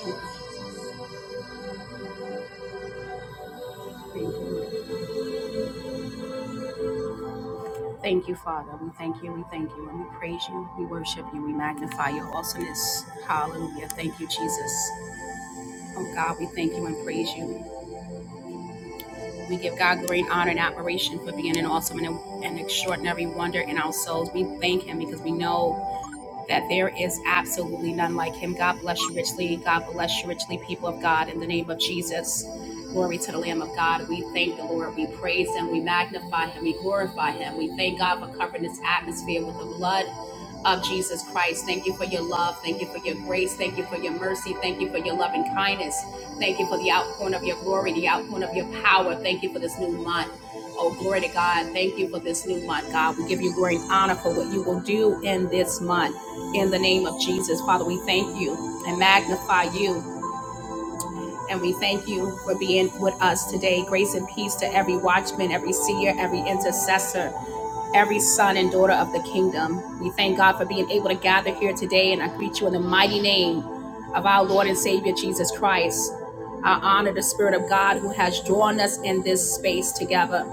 Thank you, Thank you, Father. We thank you, we thank you, and we praise you, we worship you, we magnify your awesomeness. Hallelujah. Thank you, Jesus. Oh God, we thank you and praise you. We give God great honor and admiration for being an awesome and an extraordinary wonder in our souls. We thank Him because we know. that there is absolutely none like him. God bless you richly. God bless you richly, people of God, in the name of Jesus. Glory to the Lamb of God. We thank the Lord. We praise him. We magnify him. We glorify him. We thank God for covering this atmosphere with the blood of Jesus Christ. Thank you for your love. Thank you for your grace. Thank you for your mercy. Thank you for your loving kindness. Thank you for the outpouring of your glory, the outpouring of your power. Thank you for this new month. Oh, glory to God. Thank you for this new month, God. We give you great honor for what you will do in this month. In the name of Jesus, Father, we thank you and magnify you. And we thank you for being with us today. Grace and peace to every watchman, every seer, every intercessor, every son and daughter of the kingdom. We thank God for being able to gather here today, and I greet you in the mighty name of our Lord and Savior Jesus Christ. I honor the Spirit of God who has drawn us in this space together.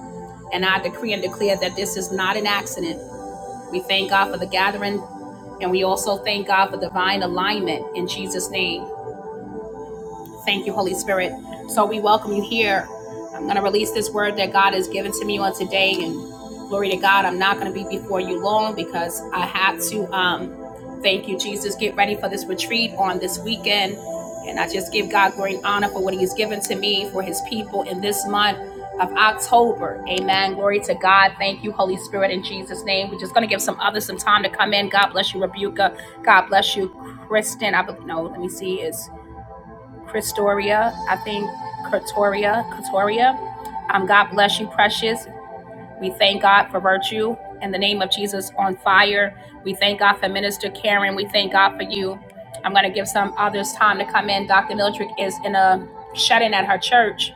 And I decree and declare that this is not an accident. We thank God for the gathering, and we also thank God for divine alignment in Jesus' name. Thank you, Holy Spirit. So we welcome you here. I'm going to release this word that God has given to me on today. And glory to God, I'm not going to be before you long because I had to, um, thank you, Jesus, get ready for this retreat on this weekend. And I just give God great honor for what He has given to me, for His people in this month of October. Amen. Glory to God. Thank you, Holy Spirit, in Jesus' name. We're just going to give some others some time to come in. God bless you, Rebuka. God bless you, Kristen. I be- no, let me see. Is Christoria, I think Katoria, Katoria. Um, God bless you, precious. We thank God for virtue. In the name of Jesus, on fire. We thank God for Minister Karen. We thank God for you. I'm going to give some others time to come in. Dr. Mildred is in a shut in at her church.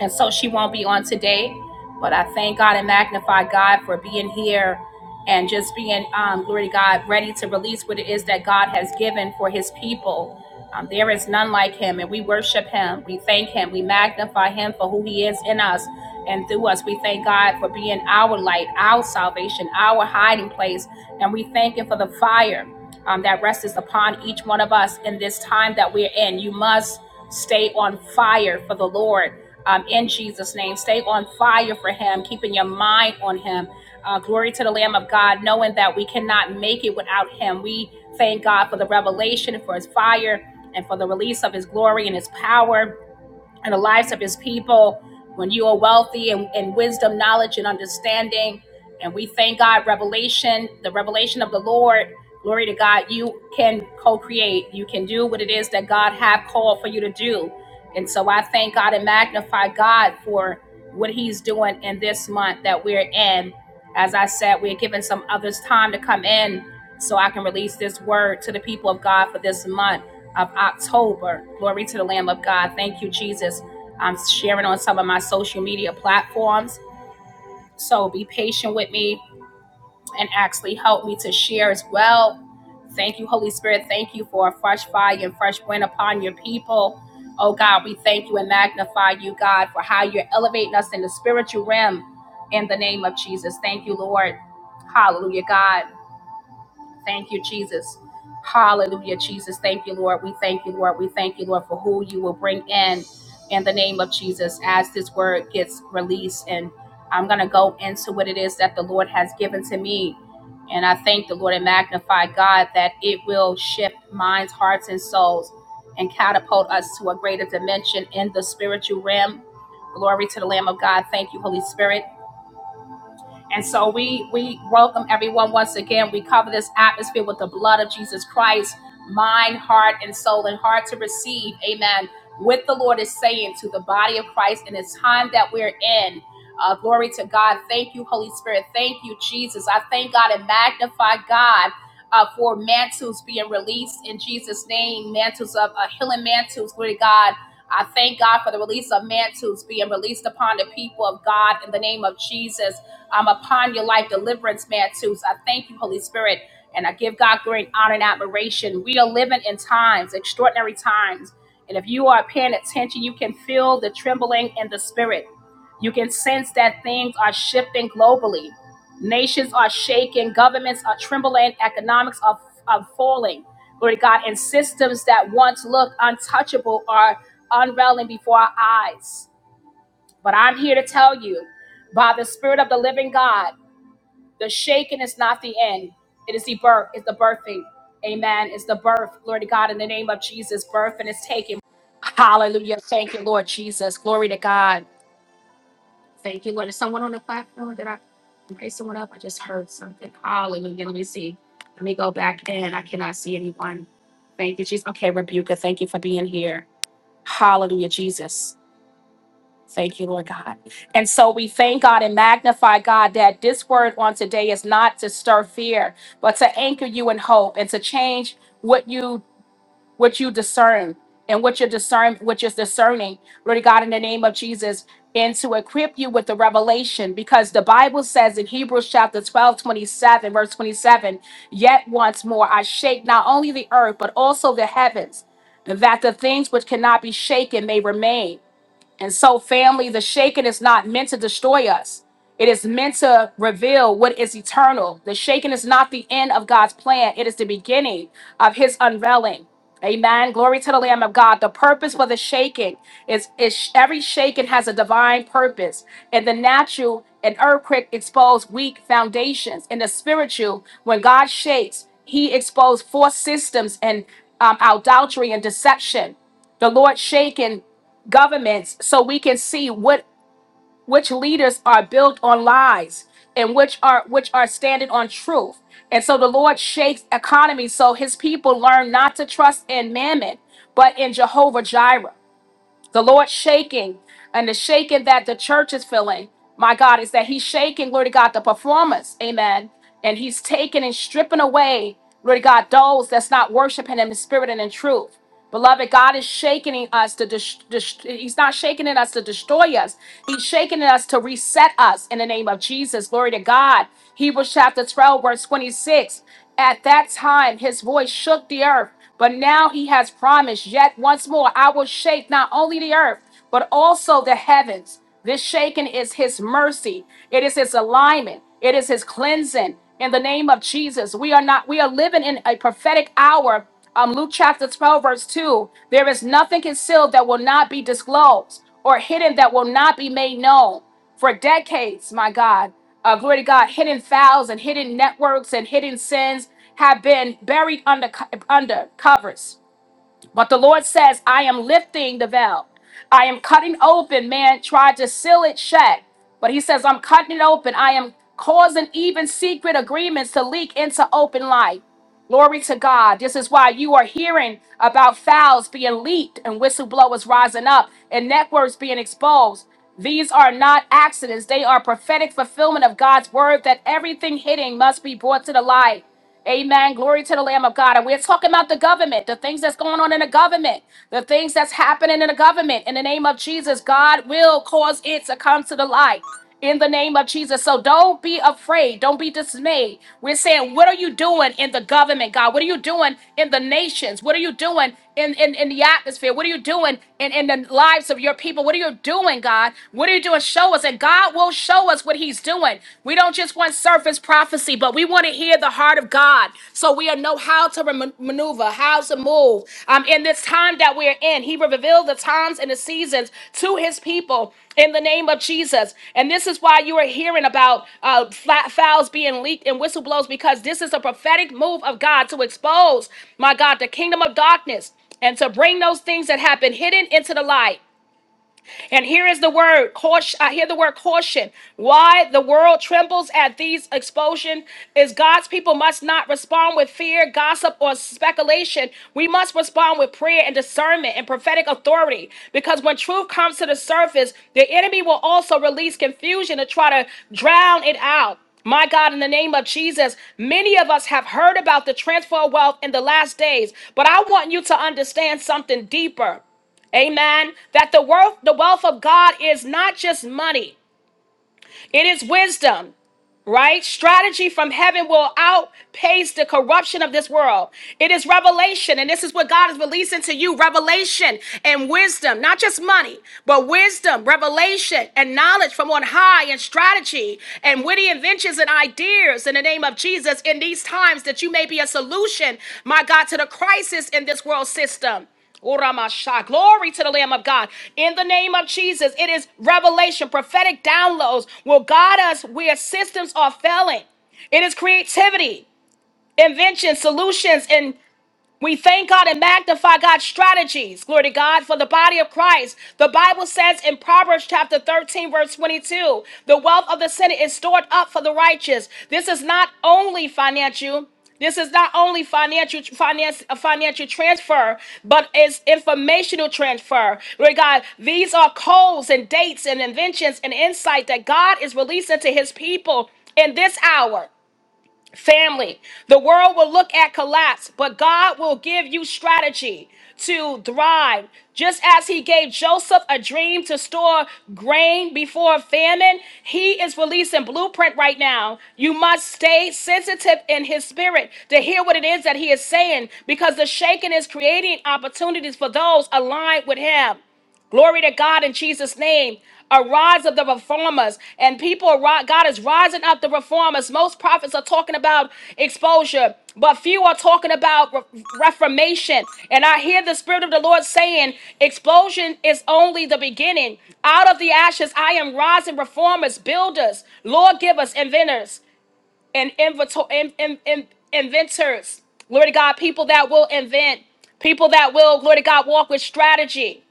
And so she won't be on today. But I thank God and magnify God for being here and just being, um, glory to God, ready to release what it is that God has given for his people. Um, there is none like him, and we worship him. We thank him. We magnify him for who he is in us and through us. We thank God for being our light, our salvation, our hiding place. And we thank him for the fire um, that rests upon each one of us in this time that we're in. You must stay on fire for the Lord um, in Jesus' name. Stay on fire for Him, keeping your mind on Him. Uh, glory to the Lamb of God, knowing that we cannot make it without Him. We thank God for the revelation, for His fire, and for the release of His glory and His power in the lives of his people when you are wealthy and in wisdom, knowledge, and understanding. And we thank God, revelation, the revelation of the Lord. Glory to God, you can co create. You can do what it is that God have called for you to do. And so I thank God and magnify God for what he's doing in this month that we're in. As I said, we're giving some others time to come in so I can release this word to the people of God for this month of October. Glory to the Lamb of God. Thank you, Jesus. I'm sharing on some of my social media platforms. So be patient with me and actually help me to share as well. Thank you, Holy Spirit. Thank you for a fresh fire and fresh wind upon your people. Oh God, we thank you and magnify you, God, for how you're elevating us in the spiritual realm in the name of Jesus. Thank you, Lord. Hallelujah, God. Thank you, Jesus. Hallelujah, Jesus. Thank you, Lord. We thank you, Lord. We thank you, Lord, for who you will bring in in the name of Jesus as this word gets released. And I'm going to go into what it is that the Lord has given to me. And I thank the Lord and magnify God that it will shift minds, hearts, and souls and catapult us to a greater dimension in the spiritual realm. Glory to the Lamb of God. Thank you, Holy Spirit. And so we we welcome everyone once again. We cover this atmosphere with the blood of Jesus Christ, mind, heart, and soul, and heart to receive. Amen. What the Lord is saying to the body of Christ in this time that we're in. Uh, glory to God. Thank you, Holy Spirit. Thank you, Jesus. I thank God and magnify God uh, for mantles being released in Jesus' name. Mantles of uh, healing mantles. Glory to God. I thank God for the release of mantles being released upon the people of God in the name of Jesus. I'm upon your life, deliverance, man, too. So I thank you, Holy Spirit, and I give God great honor and admiration. We are living in times, extraordinary times. And if you are paying attention, you can feel the trembling in the spirit. You can sense that things are shifting globally. Nations are shaking, governments are trembling, economics are, are falling. Glory to God. And systems that once looked untouchable are unraveling before our eyes. But I'm here to tell you by the Spirit of the living God. The shaking is not the end. It is the birth. It's the birthing. Amen. It's the birth. Glory to God in the name of Jesus. Birth and it's taken. Hallelujah. Thank you, Lord Jesus. Glory to God. Thank you, Lord. Is someone on the platform? Did I raise someone up? I just heard something. Hallelujah. Let me see. Let me go back in. I cannot see anyone. Thank you, Jesus. Okay, Rebuka, thank you for being here. Hallelujah, Jesus. Thank you, Lord God. And so we thank God and magnify God that this word on today is not to stir fear, but to anchor you in hope and to change what you what you discern and what you're discern which is discerning, Lord God, in the name of Jesus, and to equip you with the revelation, because the Bible says in Hebrews chapter 12 27, verse 27, yet once more I shake not only the earth, but also the heavens, that the things which cannot be shaken may remain and so, family, the shaking is not meant to destroy us. It is meant to reveal what is eternal. The shaking is not the end of God's plan, it is the beginning of His unveiling. Amen. Glory to the Lamb of God. The purpose for the shaking is, is every shaking has a divine purpose. In the natural, an earthquake exposed weak foundations. In the spiritual, when God shakes, He exposed false systems and um, adultery and deception. The Lord shaken governments so we can see what which leaders are built on lies and which are which are standing on truth and so the lord shakes economies so his people learn not to trust in mammon but in jehovah jireh the Lord shaking and the shaking that the church is feeling, my God, is that He's shaking, Lord God, the performance, amen. And He's taking and stripping away, Lord God, those that's not worshiping Him in spirit and in truth. Beloved, God is shaking us to, dis- dis- He's not shaking in us to destroy us. He's shaking in us to reset us in the name of Jesus. Glory to God. Hebrews chapter 12, verse 26. At that time, His voice shook the earth but now he has promised, yet once more, I will shake not only the earth, but also the heavens. This shaking is his mercy, it is his alignment, it is his cleansing. In the name of Jesus, we are not, we are living in a prophetic hour. Um, Luke chapter 12, verse 2 there is nothing concealed that will not be disclosed, or hidden that will not be made known. For decades, my God uh, glory to God, hidden fouls and hidden networks and hidden sins have been buried under under covers but the Lord says, I am lifting the veil. I am cutting open. Man tried to seal it shut. But he says, I'm cutting it open. I am causing even secret agreements to leak into open light. Glory to God. This is why you are hearing about fouls being leaked and whistleblowers rising up and networks being exposed. These are not accidents, they are prophetic fulfillment of God's word that everything hidden must be brought to the light. Amen. Glory to the Lamb of God. And we're talking about the government, the things that's going on in the government, the things that's happening in the government. In the name of Jesus, God will cause it to come to the light. In the name of Jesus. So don't be afraid. Don't be dismayed. We're saying, what are you doing in the government, God? What are you doing in the nations? What are you doing in, in, in the atmosphere? What are you doing in, in the lives of your people? What are you doing, God? What are you doing? Show us. And God will show us what He's doing. We don't just want surface prophecy, but we want to hear the heart of God so we know how to rem- maneuver, how to move um, in this time that we're in. He revealed the times and the seasons to his people in the name of Jesus. And this is why you are hearing about uh, flat files being leaked and whistleblowers because this is a prophetic move of God to expose, my God, the kingdom of darkness and to bring those things that have been hidden into the light. And here is the word caution. I hear the word caution. Why the world trembles at these explosions is God's people must not respond with fear, gossip, or speculation. We must respond with prayer and discernment and prophetic authority. Because when truth comes to the surface, the enemy will also release confusion to try to drown it out. My God, in the name of Jesus, many of us have heard about the transfer of wealth in the last days, but I want you to understand something deeper. Amen. That the wealth, the wealth of God is not just money, it is wisdom, right? Strategy from heaven will outpace the corruption of this world. It is revelation, and this is what God is releasing to you revelation and wisdom, not just money, but wisdom, revelation, and knowledge from on high, and strategy, and witty inventions and ideas in the name of Jesus in these times that you may be a solution, my God, to the crisis in this world system. Uramasha. Glory to the Lamb of God. In the name of Jesus, it is revelation, prophetic downloads will guide us where systems are failing. It is creativity, invention, solutions, and. We thank God and magnify God's strategies, glory to God, for the body of Christ. The Bible says in Proverbs chapter 13, verse 22, the wealth of the sinner is stored up for the righteous. This is not only financial. This is not only financial finance a financial transfer, but it's informational transfer. Lord God, these are codes and dates and inventions and insight that God is releasing to his people in this hour. Family, the world will look at collapse, but God will give you strategy to thrive. Just as he gave Joseph a dream to store grain before famine, he is releasing blueprint right now. You must stay sensitive in his spirit to hear what it is that he is saying because the shaking is creating opportunities for those aligned with him. Glory to God in Jesus' name. A rise of the reformers and people, are ri- God is rising up the reformers. Most prophets are talking about exposure, but few are talking about re- reformation. And I hear the Spirit of the Lord saying, Explosion is only the beginning. Out of the ashes, I am rising reformers, builders, Lord givers, inventors, and inventor- in- in- in- inventors. Glory to God, people that will invent, people that will, glory to God, walk with strategy.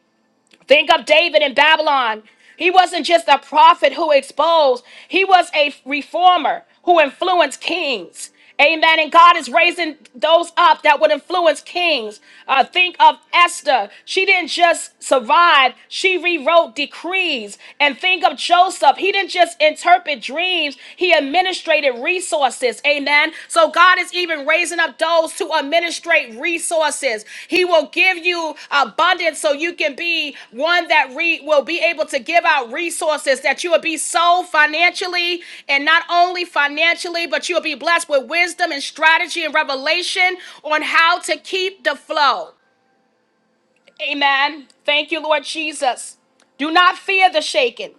Think of David in Babylon. He wasn't just a prophet who exposed, he was a reformer who influenced kings. Amen. And God is raising those up that would influence kings. Uh, think of Esther. She didn't just survive, she rewrote decrees. And think of Joseph. He didn't just interpret dreams, he administered administrated resources. Amen. So God is even raising up those to administrate resources. He will give you abundance so you can be one that re- will be able to give out resources that you will be so financially and not only financially, but you'll be blessed with wisdom and strategy and revelation on how to keep the flow. Amen. Thank you, Lord Jesus. Do not fear the shaking.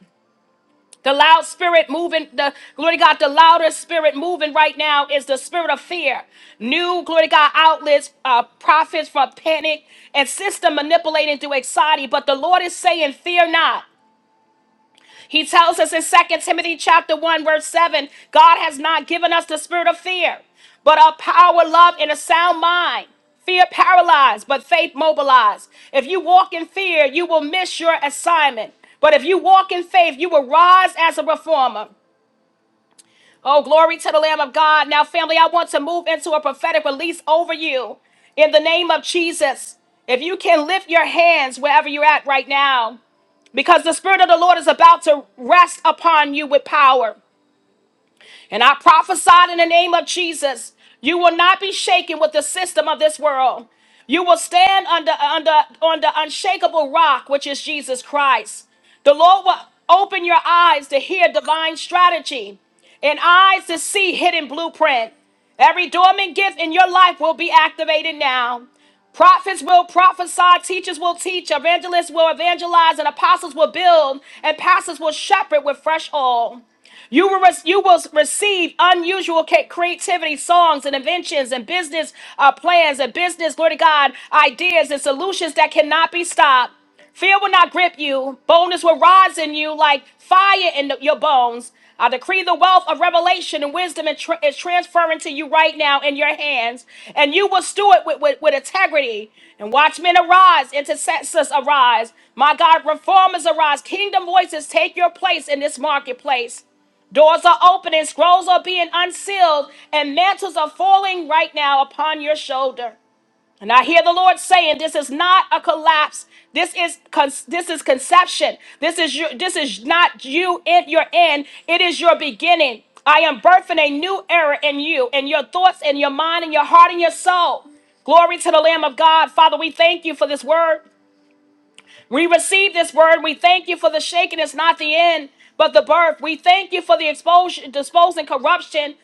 The loud spirit moving, the glory to God, the louder spirit moving right now is the spirit of fear. New glory to God outlets, uh, profits from panic and system manipulating through anxiety. But the Lord is saying, Fear not. He tells us in Second Timothy chapter 1, verse 7, God has not given us the spirit of fear, but of power, love, and a sound mind. Fear paralyzed, but faith mobilized. If you walk in fear, you will miss your assignment. But if you walk in faith, you will rise as a reformer. Oh, glory to the Lamb of God. Now, family, I want to move into a prophetic release over you in the name of Jesus. If you can lift your hands wherever you're at right now, because the Spirit of the Lord is about to rest upon you with power. And I prophesied in the name of Jesus, you will not be shaken with the system of this world. You will stand under under on the unshakable rock, which is Jesus Christ. The Lord will open your eyes to hear divine strategy and eyes to see hidden blueprint. Every dormant gift in your life will be activated now. Prophets will prophesy, teachers will teach, evangelists will evangelize, and apostles will build, and pastors will shepherd with fresh oil. You will, rec- you will receive unusual ca- creativity, songs and inventions and business uh, plans and business, glory to God, ideas and solutions that cannot be stopped. Fear will not grip you. Boldness will rise in you like fire in the- your bones. I decree the wealth of revelation and wisdom and tr- is transferring to you right now in your hands, and you will steward with, with, with integrity. And watchmen arise, intercessors arise. My God, reformers arise. Kingdom voices take your place in this marketplace. Doors are opening, scrolls are being unsealed, and mantles are falling right now upon your shoulder. And I hear the Lord saying, "This is not a collapse. This is con- this is conception. This is your this is not you in your end. It is your beginning. I am birthing a new era in you, in your thoughts, in your mind, in your heart, in your soul. Glory to the Lamb of God. Father, we thank you for this word. We receive this word. We thank you for the shaking. It's not the end, but the birth. We thank you for the exposure, disposing corruption.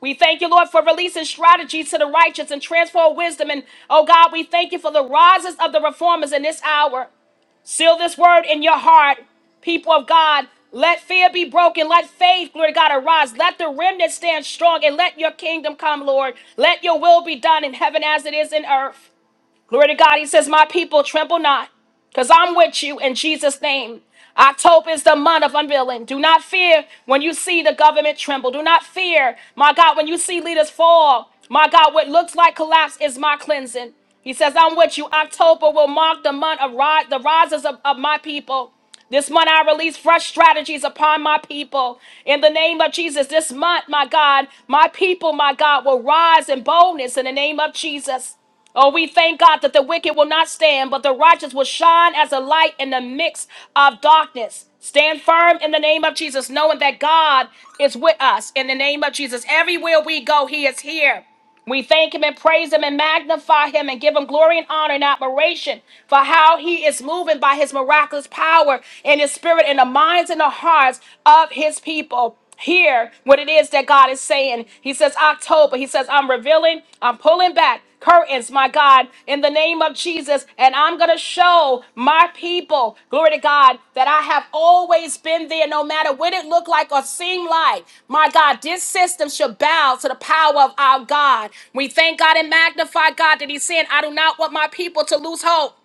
We thank you, Lord, for releasing strategies to the righteous and transform wisdom. And oh God, we thank you for the rises of the reformers in this hour. Seal this word in your heart, people of God. Let fear be broken. Let faith, glory to God, arise. Let the remnant stand strong and let your kingdom come, Lord. Let your will be done in heaven as it is in earth. Glory to God. He says, My people, tremble not, because I'm with you in Jesus' name. October is the month of unveiling. Do not fear when you see the government tremble. Do not fear, my God, when you see leaders fall. My God, what looks like collapse is my cleansing. He says, I'm with you. October will mark the month of ri- the rises of, of my people. This month, I release fresh strategies upon my people. In the name of Jesus, this month, my God, my people, my God, will rise in boldness in the name of Jesus. Oh, we thank God that the wicked will not stand, but the righteous will shine as a light in the midst of darkness. Stand firm in the name of Jesus, knowing that God is with us. In the name of Jesus, everywhere we go, He is here. We thank Him and praise Him and magnify Him and give Him glory and honor and admiration for how He is moving by His miraculous power and His Spirit in the minds and the hearts of His people hear what it is that God is saying. He says, October. He says, I'm revealing, I'm pulling back curtains, my God, in the name of Jesus. And I'm going to show my people, glory to God, that I have always been there, no matter what it looked like or seemed like. My God, this system should bow to the power of our God. We thank God and magnify God that He's saying, I do not want my people to lose hope.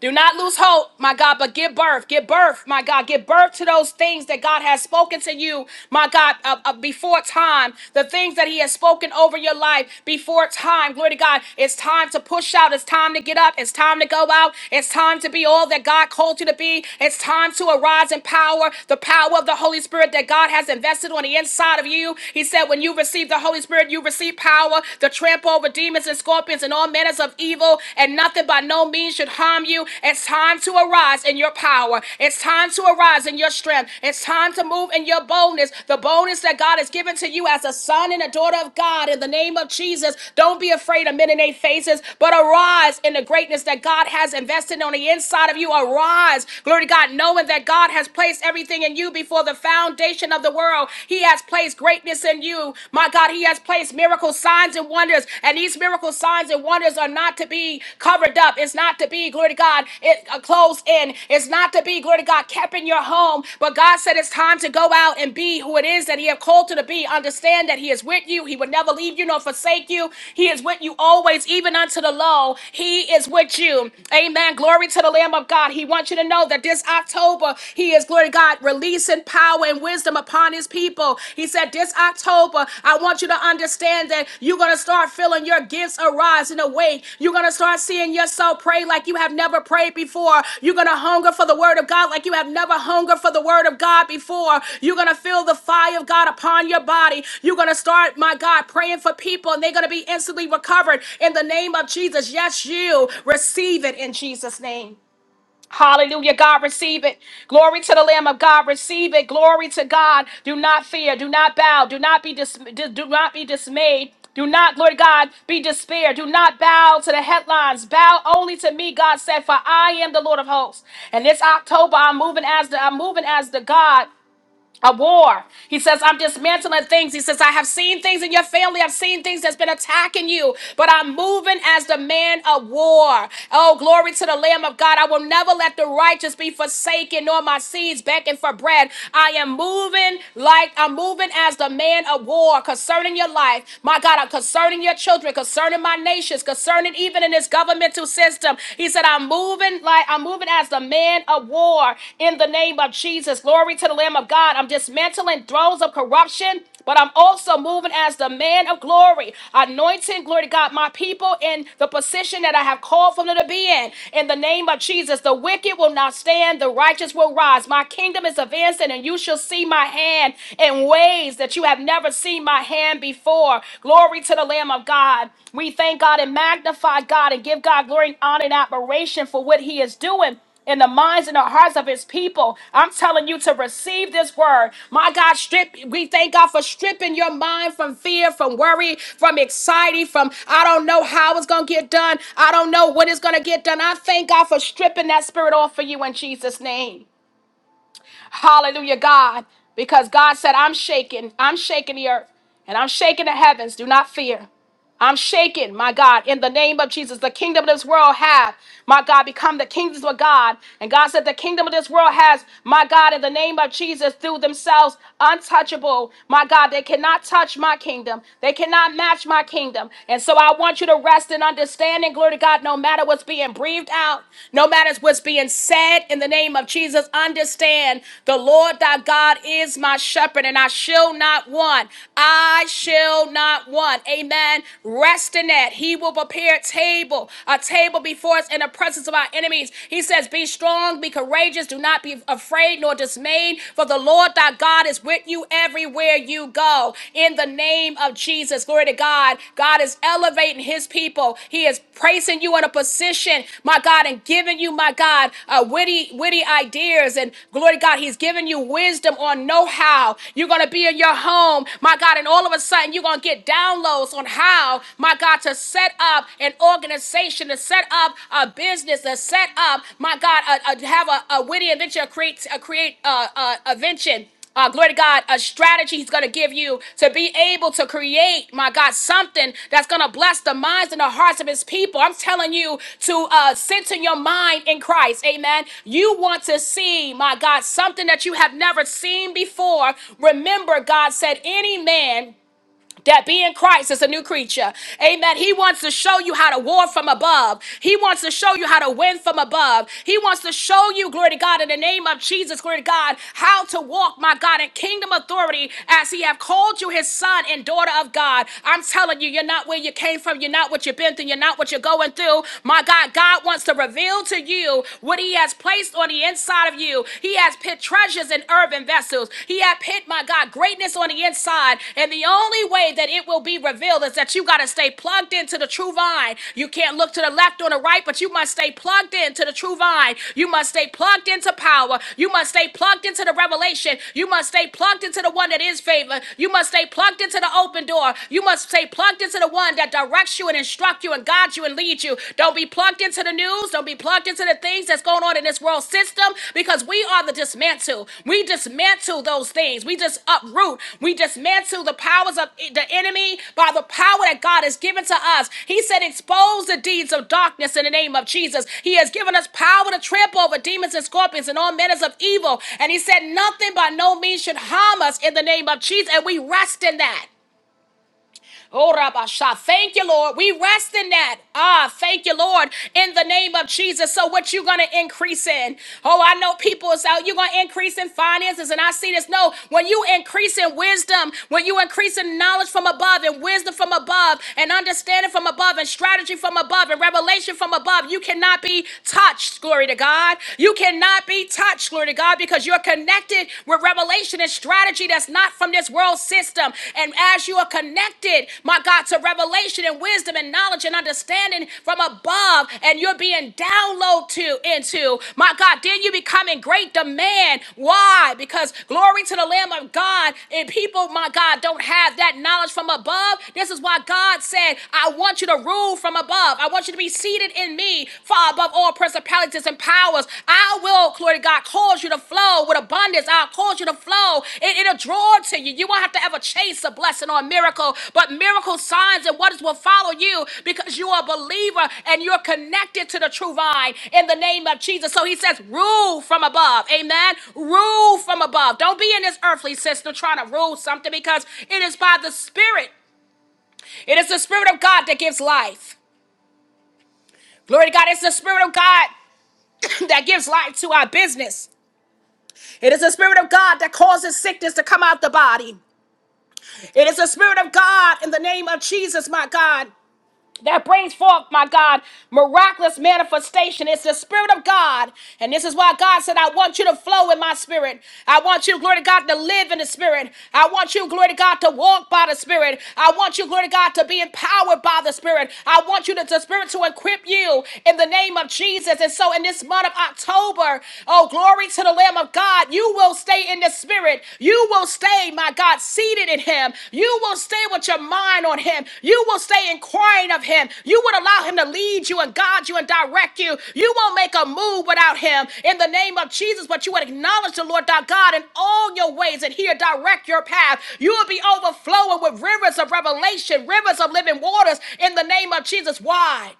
Do not lose hope, my God, but give birth. Give birth, my God. Give birth to those things that God has spoken to you, my God, uh, uh, before time. The things that He has spoken over your life before time. Glory to God. It's time to push out. It's time to get up. It's time to go out. It's time to be all that God called you to be. It's time to arise in power, the power of the Holy Spirit that God has invested on the inside of you. He said, when you receive the Holy Spirit, you receive power to trample over demons and and scorpions and all manners of evil, and nothing by no means should harm you. It's time to arise in your power. It's time to arise in your strength. It's time to move in your boldness, the boldness that God has given to you as a son and a daughter of God. In the name of Jesus, don't be afraid of men in their faces, but arise in the greatness that God has invested on the inside of you. Arise, glory to God, knowing that God has placed everything in you before the foundation of the world. He has placed greatness in you you. My God, He has placed miracle signs and wonders, and these miracle signs and wonders are not to be covered up. It's not to be, glory to God, it, uh, closed in. It's not to be, glory to God, kept in your home. But God said it's time to go out and be who it is that He have called you to be. Understand that He is with you. He will never leave you nor forsake you. He is with you always, even unto the low. He is with you. Amen. Glory to the Lamb of God. He wants you to know that this October, He is, glory to God, releasing power and wisdom upon his people. He said, This October, I want you to understand that you're going to start feeling your gifts arise and awake. You're going to start seeing yourself pray like you have never prayed before. You're going to hunger for the word of God like you have never hungered for the word of God before. You're going to feel the fire of God upon your body. You're going to start, my God, praying for people and they're going to be instantly recovered in the name of Jesus. Yes, you receive it in Jesus' name. Hallelujah. God, receive it. Glory to the Lamb of God. Receive it. Glory to God. Do not fear. Do not bow. Do not be dis- do do not be dismayed. Do not, Lord God, be despair. Do not bow to the headlines. Bow only to me, God said, for I am the Lord of hosts. And this October, I'm moving as the I'm moving as the God a war. He says, I'm dismantling things. He says, I have seen things in your family. I've seen things that's been attacking you, but I'm moving as the man of war. Oh, glory to the Lamb of God. I will never let the righteous be forsaken, nor my seeds begging for bread. I am moving like I'm moving as the man of war concerning your life. My God, I'm concerning your children, concerning my nations, concerning even in this governmental system. He he said, I'm moving like I'm moving as the man of war in the name of Jesus. Glory to the Lamb of God. I'm dismantling thrones of corruption. But I'm also moving as the man of glory, anointing, glory to God, my people in the position that I have called for them to be in. In the name of Jesus, the wicked will not stand, the righteous will rise. My kingdom is advancing, and you shall see my hand in ways that you have never seen my hand even before. Glory to the Lamb of God. We thank God and magnify God and give God glory and honor and admiration for what He is doing in the minds and the hearts of his people. I'm telling you to receive this word. My God, strip we thank God for stripping your mind from fear, from worry, from anxiety, from I don't know how it's gonna get done. I don't know when it's gonna get done. I thank God for stripping that spirit off for you in Jesus' name. Hallelujah, God. Because God said, I'm shaking. I'm shaking the earth and I'm shaking the heavens. Do not fear. I'm shaken, my God, in the name of Jesus. The kingdom of this world have, my God, become the kingdoms of God. And God said, The kingdom of this world has, my God, in the name of Jesus, through themselves untouchable. My God, they cannot touch my kingdom. They cannot match my kingdom. And so I want you to rest in understanding, glory to God, no matter what's being breathed out, no matter what's being said in the name of Jesus, understand the Lord thy God is my shepherd, and I shall not want. I shall not want amen, rest in that. He will prepare a table, a table before us in the presence of our enemies. He says, Be strong, be courageous, do not be afraid nor dismayed, for the Lord thy God is with you everywhere you go. In the name of Jesus, glory to God. God is elevating his people. He is placing you in a position, my God, and giving you, my God, uh, witty, witty ideas. And glory to God, He's giving you wisdom on know-how. You're gonna be in your home, my God, and all of a sudden you're gonna get downloads on how, my God, to set up an organization, to set up a business, to set up, my God, a, a- have a, a witty invention, a create, a create uh, uh, invention uh, glory to God, a strategy He's going to give you to be able to create, my God, something that's going to bless the minds and the hearts of His people. I'm telling you to uh, center your mind in Christ. Amen. You want to see, my God, something that you have never seen before. Remember, God said, any man that being Christ is a new creature. Amen. He wants to show you how to war from above. He wants to show you how to win from above. He wants to show you, glory to God, in the name of Jesus, glory to God, how to walk, my God, in kingdom authority as he have called you his son and daughter of God. I'm telling you, you're not where you came from. You're not what you've been through. You're not what you're going through. My God, God wants to reveal to you what he has placed on the inside of you. He has hid treasures in earthen vessels. He hath hid, my God, greatness on the inside. And the only way that it will be revealed is that you got to stay plugged into the true vine. You can't look to the left or the right, but you must stay plugged into the true vine. You must stay plugged into power. You must stay plugged into the revelation. You must stay plugged into the one that is favor. You must stay plugged into the open door. You must stay plugged into the one that directs you and instructs you and guides you and leads you. Don't be be plugged into the news. Don't be plugged into the things that's going on in this world system because we are the dismantle. We dismantle those things. We just uproot. We dismantle the powers of the enemy by the power that God has given to us. He said, expose the deeds of darkness in the name of Jesus. He has given us power to trample over demons and scorpions and all manners of evil. And he said, nothing by no means should harm us in the name of Jesus. And we rest in that. Oh, Rabasha. Thank you, Lord. We rest in that. Ah, thank you, Lord, in the name of Jesus. So, what you going to increase in? Oh, I know people is out. You're going to increase in finances, and I see this. No, when you increase in wisdom, when you increase in knowledge from above, and wisdom from above, and understanding from above, and strategy from above, and revelation from above, you cannot be touched. Glory to God. You cannot be touched. Glory to God, because you're connected connected with revelation and strategy that's not from this world system. And as you are connected, my God, to revelation and wisdom and knowledge and understanding from above, and you're being downloaded to into, my God, then you become in great demand. Why? Because glory to the Lamb of God, and people, my God, don't have that knowledge from above. This is why God said, I want you to rule from above. I want you to be seated in me far above all principalities and powers. I will, glory to God, cause you to flow with abundance. I'll cause you to flow. It, it'll draw to you. You won't have to ever chase a blessing or a miracle, but miracle signs and wonders will follow you because you are a believer and you're connected to the true vine in the name of Jesus. So he says, rule from above. Amen. Rule from above. Don't be in this earthly system trying to rule something because it is by the Spirit. It is the Spirit of God that gives life. Glory to God. It's the Spirit of God that gives life to our business. It is the Spirit of God that causes sickness to come out the body. It is the Spirit of God in the name of Jesus, my God that brings forth, my God, miraculous manifestation. It's the Spirit of God. And this is why God said, I want you to flow in my Spirit. I want you, glory to God, to live in the Spirit. I want you, glory to God, to walk by the Spirit. I want you, glory to God, to be empowered by the Spirit. I want you, to, the Spirit, to equip you in the name of Jesus. And so in this month of October, oh, glory to the Lamb of God, you will stay in this in the spirit, you will stay, my God, seated in him. You will stay with your mind on him. You will stay inquiring of him. You would allow him to lead you and guide you and direct you. You won't make a move without him in the name of Jesus, but you would acknowledge the Lord thy God in all your ways and He here direct your path. You will be overflowing with rivers of revelation, rivers of living waters in the name of Jesus. Why?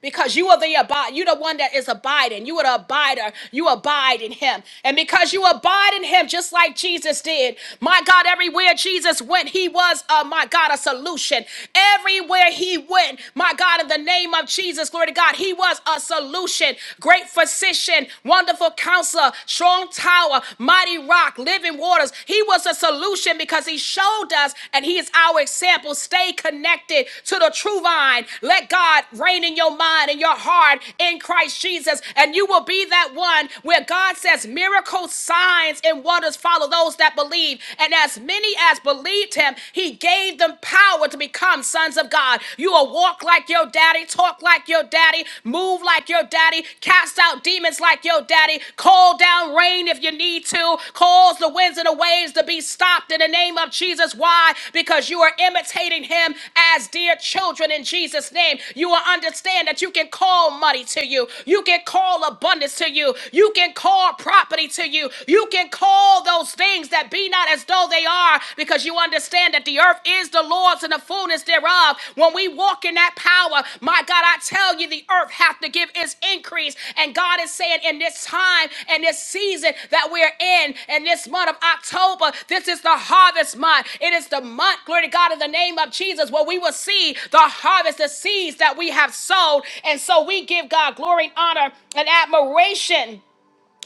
because you are the abide. You the one that is abiding. You are the abider. You abide in Him, and because you abide in Him, just like Jesus did, my God, everywhere Jesus went, He was, uh, my God, a solution. Everywhere He went, my God, in the name of Jesus, glory to God, He was a solution. Great physician, wonderful counselor, strong tower, mighty rock, living waters. He was a solution connection because he showed us and he is our example. Stay connected to the true vine. Let God reign in your mind and your heart in Christ Jesus, and you will be that one where God says miracles, signs, and wonders follow those that believe. And as many as believed him, he gave them power to become sons of God. You will walk like your daddy, talk like your daddy, move like your daddy, daddy, cast out demons like your daddy, call down rain if you need to, cause the winds and the waves to be stopped in the name of Jesus. Why? Because you are imitating him as dear children in Jesus' name. You will understand that you can call money to you, you can call abundance to you, you can call property to you, you can call those things that be not as though they are, because you understand that the earth earth is the Lord's and the fullness thereof. When we walk in that power, my God, I tell you, the earth hath to give its increase. And God is saying in this time and this season that we're in, in this month of October, this is the harvest month. It is the month, glory to God, in the name of Jesus, where we will see the harvest, the seeds that we have sown, And so we give God glory, honor, and admiration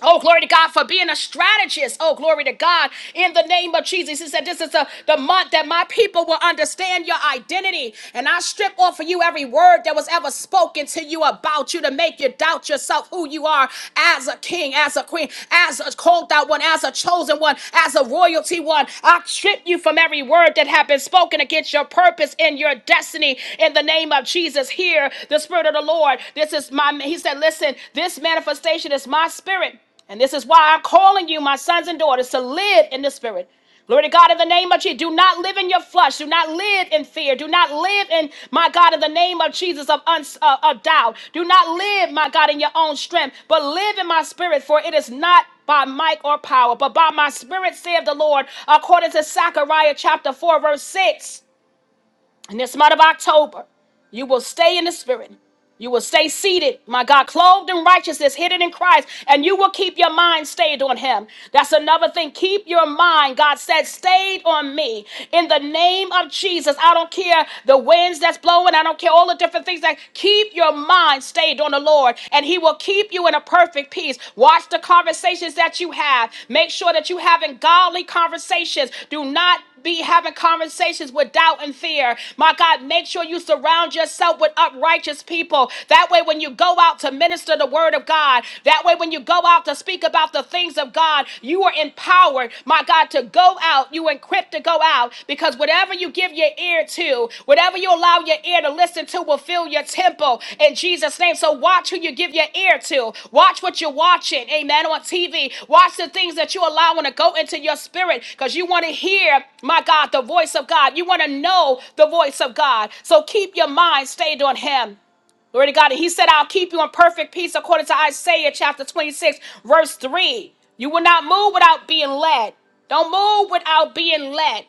Oh, glory to God for being a strategist. Oh, glory to God in the name of Jesus. He said, This is the the month that my people will understand your identity. And I strip off of you every word that was ever spoken to you about you to make you doubt yourself who you are as a king, as a queen, as a called out one, as a chosen one, as a royalty one. I strip you from every word that had been spoken against your purpose and your destiny in the name of Jesus. Here, the Spirit of of the Lord. This is my, he said, listen, this manifestation is my spirit. And this is why I'm calling you, my sons and daughters, to live in the spirit. Glory to God in the name of Jesus. Do not live in your flesh. Do not live in fear. Do not live in, my God, in the name of Jesus, of, uns uh, of doubt. Do not live, my God, in your own strength, but live in my spirit, for it is not by might or power, but by my spirit, saith the Lord, according to Zechariah chapter 4, verse 6 in this month of October, you will stay in the spirit. You will stay seated, my God, clothed in righteousness, hidden in Christ, and you will keep your mind stayed on Him. That's another thing. Keep your mind, God said, stayed on me. In the name of Jesus, I don't care the winds that's blowing, I don't care all the different things that keep your mind stayed on the Lord, and He will keep you in a perfect peace. Watch the conversations that you have. Make sure that you having godly conversations. Do not be having conversations with doubt and fear. My God, make sure you surround yourself with uprighteous people. That way, when you go out to minister the word of God, that way, when you go out to speak about the things of God, you are empowered, my God, to go out. You equipped to go out because whatever you give your ear to, Whatever you allow your ear to listen to will fill your temple in Jesus' name. So watch who you give your ear to. Watch what you're watching. Amen. On TV. Watch the things that you allow to go into your spirit because you want to hear, my God, the voice of God. You want to know the voice of God. So keep your mind stayed on Him. Glory to God. And he said, I'll keep you in perfect peace according to Isaiah chapter 26, verse 3. You will not move without being led. Don't move without being led.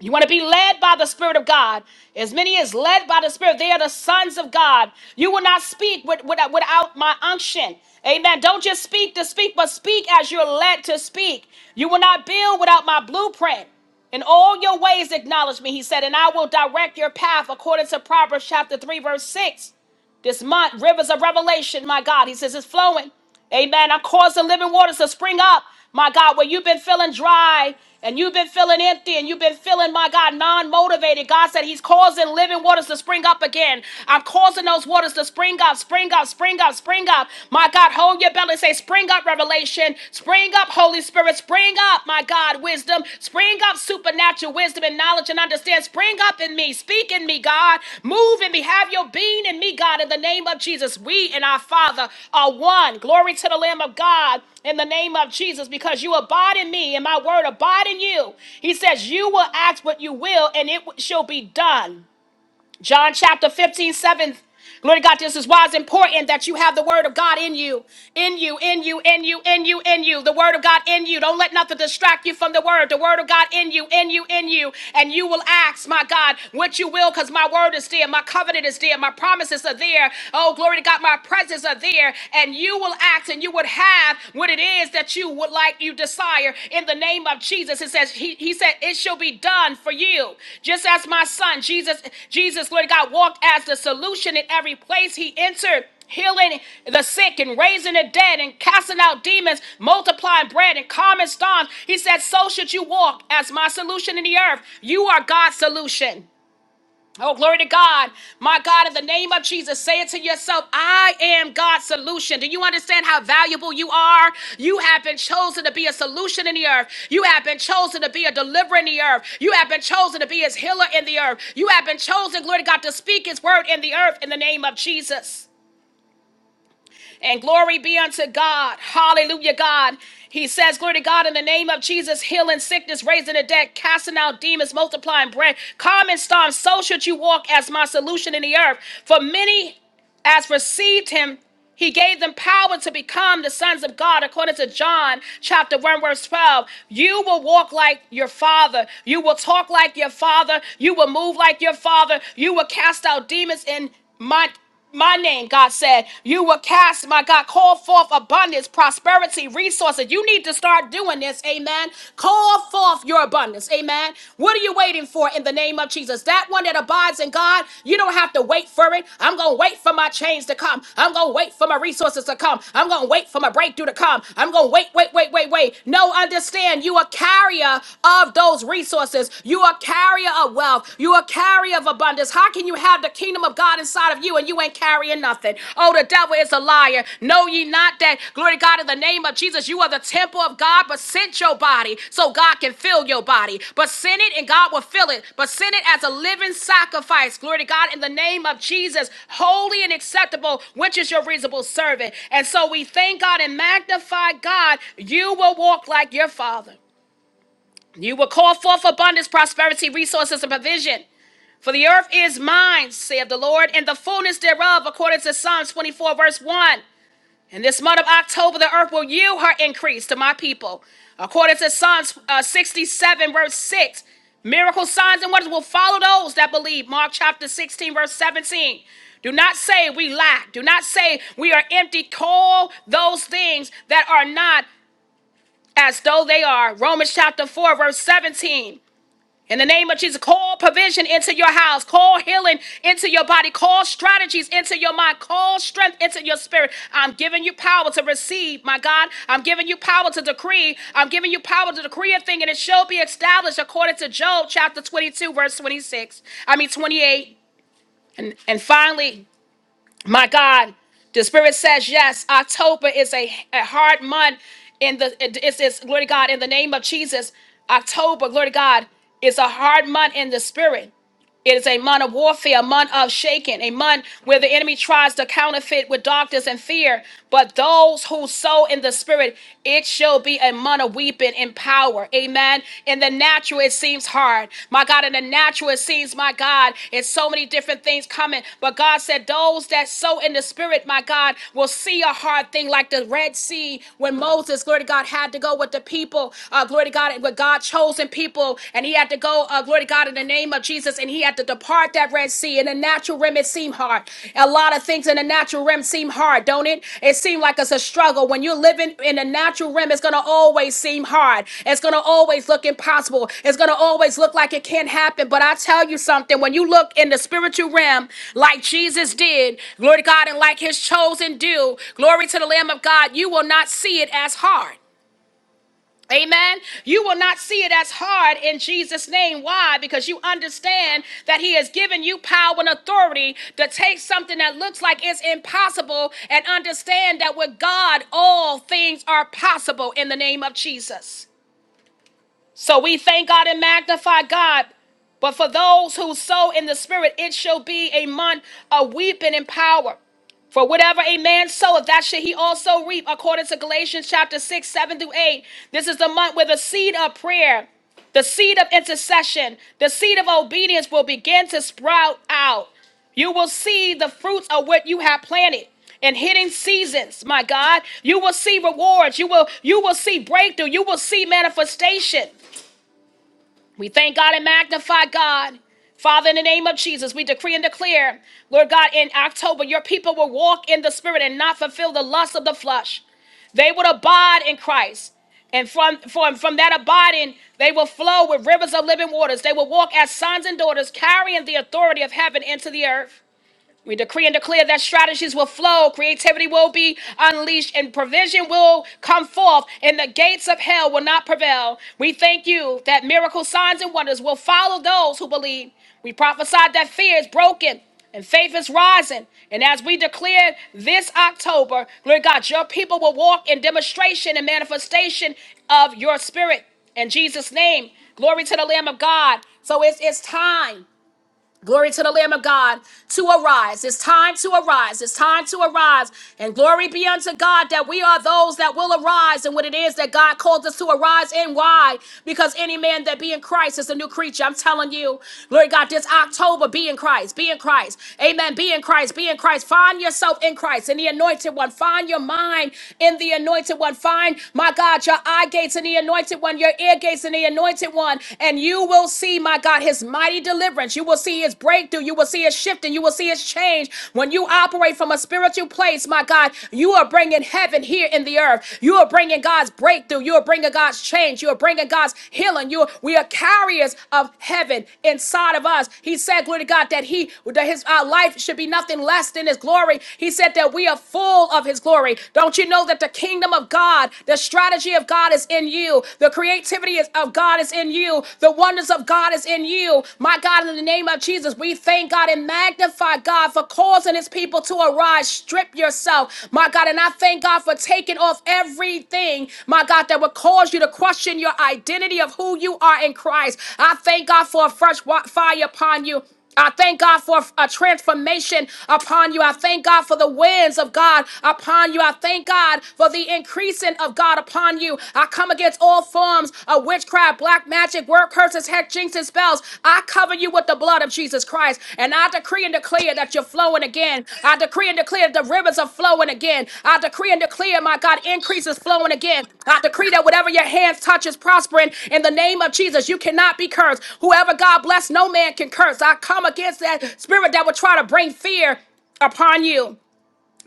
You want to be led by the Spirit of God. As many as led by the Spirit, they are the sons of God. You will not speak with, without, without my unction. Amen. Don't just speak to speak, but speak as you're led to speak. You will not build without my blueprint. In all your ways, acknowledge me, he said, and I will direct your path according to Proverbs chapter 3, verse 6. This month, rivers of revelation, my God. He says it's flowing. Amen. I'm causing living waters to spring up, my God, where you've been feeling dry and you've been feeling empty and you've been feeling, my God, non motivated. God said He's causing living waters to spring up again. I'm causing those waters to spring up, spring up, spring up, spring up. My God, hold your belly. and Say, spring up, revelation. Spring up, Holy Spirit. Spirit, spring up, my God, wisdom. Spring up supernatural wisdom and knowledge and understand. Spring up in me. Speak in me, God. Move in me. Have your being in me, God. In the name of Jesus, we and our Father are one. Glory to the Lamb of God in the name of Jesus because you abide in me and my word abide in you. He says, You will ask what you will and it shall be done. John chapter 15 7, Glory to God, this is why it's important that you have the word of God in you, in you, in you, in you, in you, in you, the word of God in you. Don't let nothing distract you from the word, the word of God in you, in you, in you. And you will ask, my God, what you will, because my word is there, my covenant is there, my promises are there. Oh, glory to God, my presence are there. And you will ask and you would have what it is what it is that you would like, you desire. In the name of Jesus, it says, He, he said, It shall be done for you. Just as my son, Jesus, Jesus, Lord God, walked as the solution in every place he entered healing the sick and raising the dead and casting out demons, multiplying bread and calming storms. He said, So should you walk as my solution in the earth. You are God's solution. Oh, glory to God. My God, in the name of Jesus, say it to yourself I am God's solution. Do you understand how valuable you are? You have been chosen to be a solution in the earth. You have been chosen to be a deliverer in the earth. You have been chosen to be his healer in the earth. You have been chosen, glory to God, to speak his word in the earth in the name of Jesus. And glory be unto God. Hallelujah, God. He says, Glory to God, in the name of Jesus, healing sickness, raising the dead, casting out demons, multiplying bread. Common storms. so should you walk as my solution in the earth. For many as received him, he gave them power to become the sons of God, according to John chapter 1, verse 12. You will walk like your father. You will talk like your father. You will move like your father. You will cast out demons in my my name, God said. You will cast, my God, call forth abundance, prosperity, resources. You need to start doing this. Amen. Call pour forth your abundance. Amen. What are you waiting for in the name of Jesus? That one that abides in God, you don't have to wait for it. I'm going to wait for my change to come. I'm going to wait for my resources to come. I'm going to wait for my breakthrough to come. I'm going to wait, wait, wait, wait, wait. No, understand you are carrier of those resources. You are carrier of wealth. You are carrier of abundance. How can you have the kingdom of God inside of you and you ain't? you ain't carrying nothing. Oh, the devil is a liar. Know ye not that, glory to God, in the name of Jesus, you are the temple of God, but send your body so God can fill your body. But send it and God will fill it. But send it as a living sacrifice, glory to God, in the name of Jesus, holy and acceptable, which is your reasonable servant. And so we thank God and magnify God. You will walk like your Father. You will call forth abundance, prosperity, resources, and provision. For the earth is mine, saith the Lord, and the fullness thereof, according to Psalms 24, verse 1. In this month of October, the earth will yield her increase to my people. According to Psalms uh, 67, verse 6, miracle signs and wonders will follow those that believe. Mark chapter 16, verse 17. Do not say we lack. Do not say we are empty. Call those things that are not as though they are. Romans chapter 4, verse 17. In the name of Jesus, call provision into your house, call healing into your body, call strategies into your mind, call strength into your spirit. I'm giving you power to receive, my God. I'm giving you power to decree. I'm giving you power to decree a thing, and it shall be established according to Job chapter 22, verse 26. I mean, 28. And, and finally, my God, the Spirit says yes. October is a, a hard month. In the it's, it's glory to God in the name of Jesus. October, glory to God, is a hard month in the Spirit. It is a month of warfare, a month of shaking, a month where the enemy tries to counterfeit with darkness and fear. But those who sow in the spirit, it shall be a month of weeping and power. Amen. In the natural, it seems hard. My God, in the natural, it seems, my God, it's so many different things coming. But God said, those that sow in the spirit, my God, will see a hard thing like the Red Sea when Moses, glory to God, had to go with the people, uh, glory to God, with God chosen people people, and he had to go, uh, glory to God, in the name of Jesus, and he had to depart that Red Sea. In the natural realm, it seemed hard. A lot of things in the natural realm seem hard, don't it? It seemed like it's a struggle. When you're living in the natural realm, it's going to always seem hard. It's going to always look impossible. It's going to always look like it can't happen. But I tell you something, when you look in the spiritual realm, like Jesus did, glory to God, and like his chosen do, glory to the Lamb of God, you will not see it as hard. Amen. You will not see it as hard in Jesus' name. Why? Because you understand that He has given you power and authority to take something that looks like it's impossible and understand that with God, all things are possible in the name of Jesus. So we thank God and magnify God. But for those who sow in the spirit, it shall be a month of weeping and power. For whatever a man soweth, that shall he also reap, according to Galatians chapter 6, 7 through 8. This is the month where the seed of prayer, the seed of intercession, the seed of obedience will begin to sprout out. You will see the fruits of what you have planted in hidden seasons, my God. You will see rewards. You will you will see breakthrough. You will see manifestation. We thank God and magnify God. Father, in the name of Jesus, we decree and declare, Lord God, in October, your people will walk in the spirit and not fulfill the lust of the flesh. They will abide in Christ. And from, from, from that abiding, they will flow with rivers of living waters. They will walk as sons and daughters, carrying the authority of heaven into the earth. We decree and declare that strategies will flow, creativity will be unleashed, and provision will come forth, and the gates of hell will not prevail. We thank you that miracle signs, and wonders will follow those who believe. We prophesied that fear is broken and faith is rising. And as we declare this October, Lord God, your people will walk in demonstration and manifestation of your spirit. In Jesus' name, glory to the Lamb of God. So it's, it's time. Glory to the Lamb of God to arise. It's time to arise. It's time to arise. And glory be unto God that we are those that will arise and what it is that God called us to arise and why. Because any man that be in Christ is a new creature. I'm telling you, glory to God, this October, be in Christ. Be in Christ. Amen. Be in Christ. Be in Christ. Find yourself in Christ, in the anointed one. Find your mind in the anointed one. Find, my God, your eye gates in the anointed one, your ear gates in the anointed one. And you you will see, my God, his mighty deliverance. You will see his breakthrough. You will see his shifting. You will see his change. When you operate from a spiritual place, my God, you are bringing heaven here in the earth. You are bringing God's breakthrough. You are bringing God's change. You are bringing God's healing. You are, we are carriers of heaven inside of us. He said, glory to God, that he that his our life should be nothing less than his glory. He said that we are full of his glory. Don't you know that the kingdom of God, the strategy of God is in you? you. The creativity is, of God is in you. The wonders of God is in you. My God, in the name of Jesus, we thank God and magnify God for causing his people to arise. Strip yourself, my God. And I thank God for taking off everything, my God, that would cause you to question your identity of who you are in Christ. I thank God for a fresh wa- fire upon you. I thank God for a transformation upon you. I thank God for the winds of God upon you. I thank God for the increasing of God upon you. I come against all forms of witchcraft, black magic, word curses, hex, jinx, and spells. I cover you with the blood of Jesus Christ. And I decree and declare that that you're flowing again. I decree and declare the rivers are flowing again. I decree and declare, my God, increase is flowing again. I decree that whatever your hands touch is prospering in the name of Jesus. You cannot be cursed. Whoever God bless, no man can curse. I come against that spirit that would try to bring fear upon you.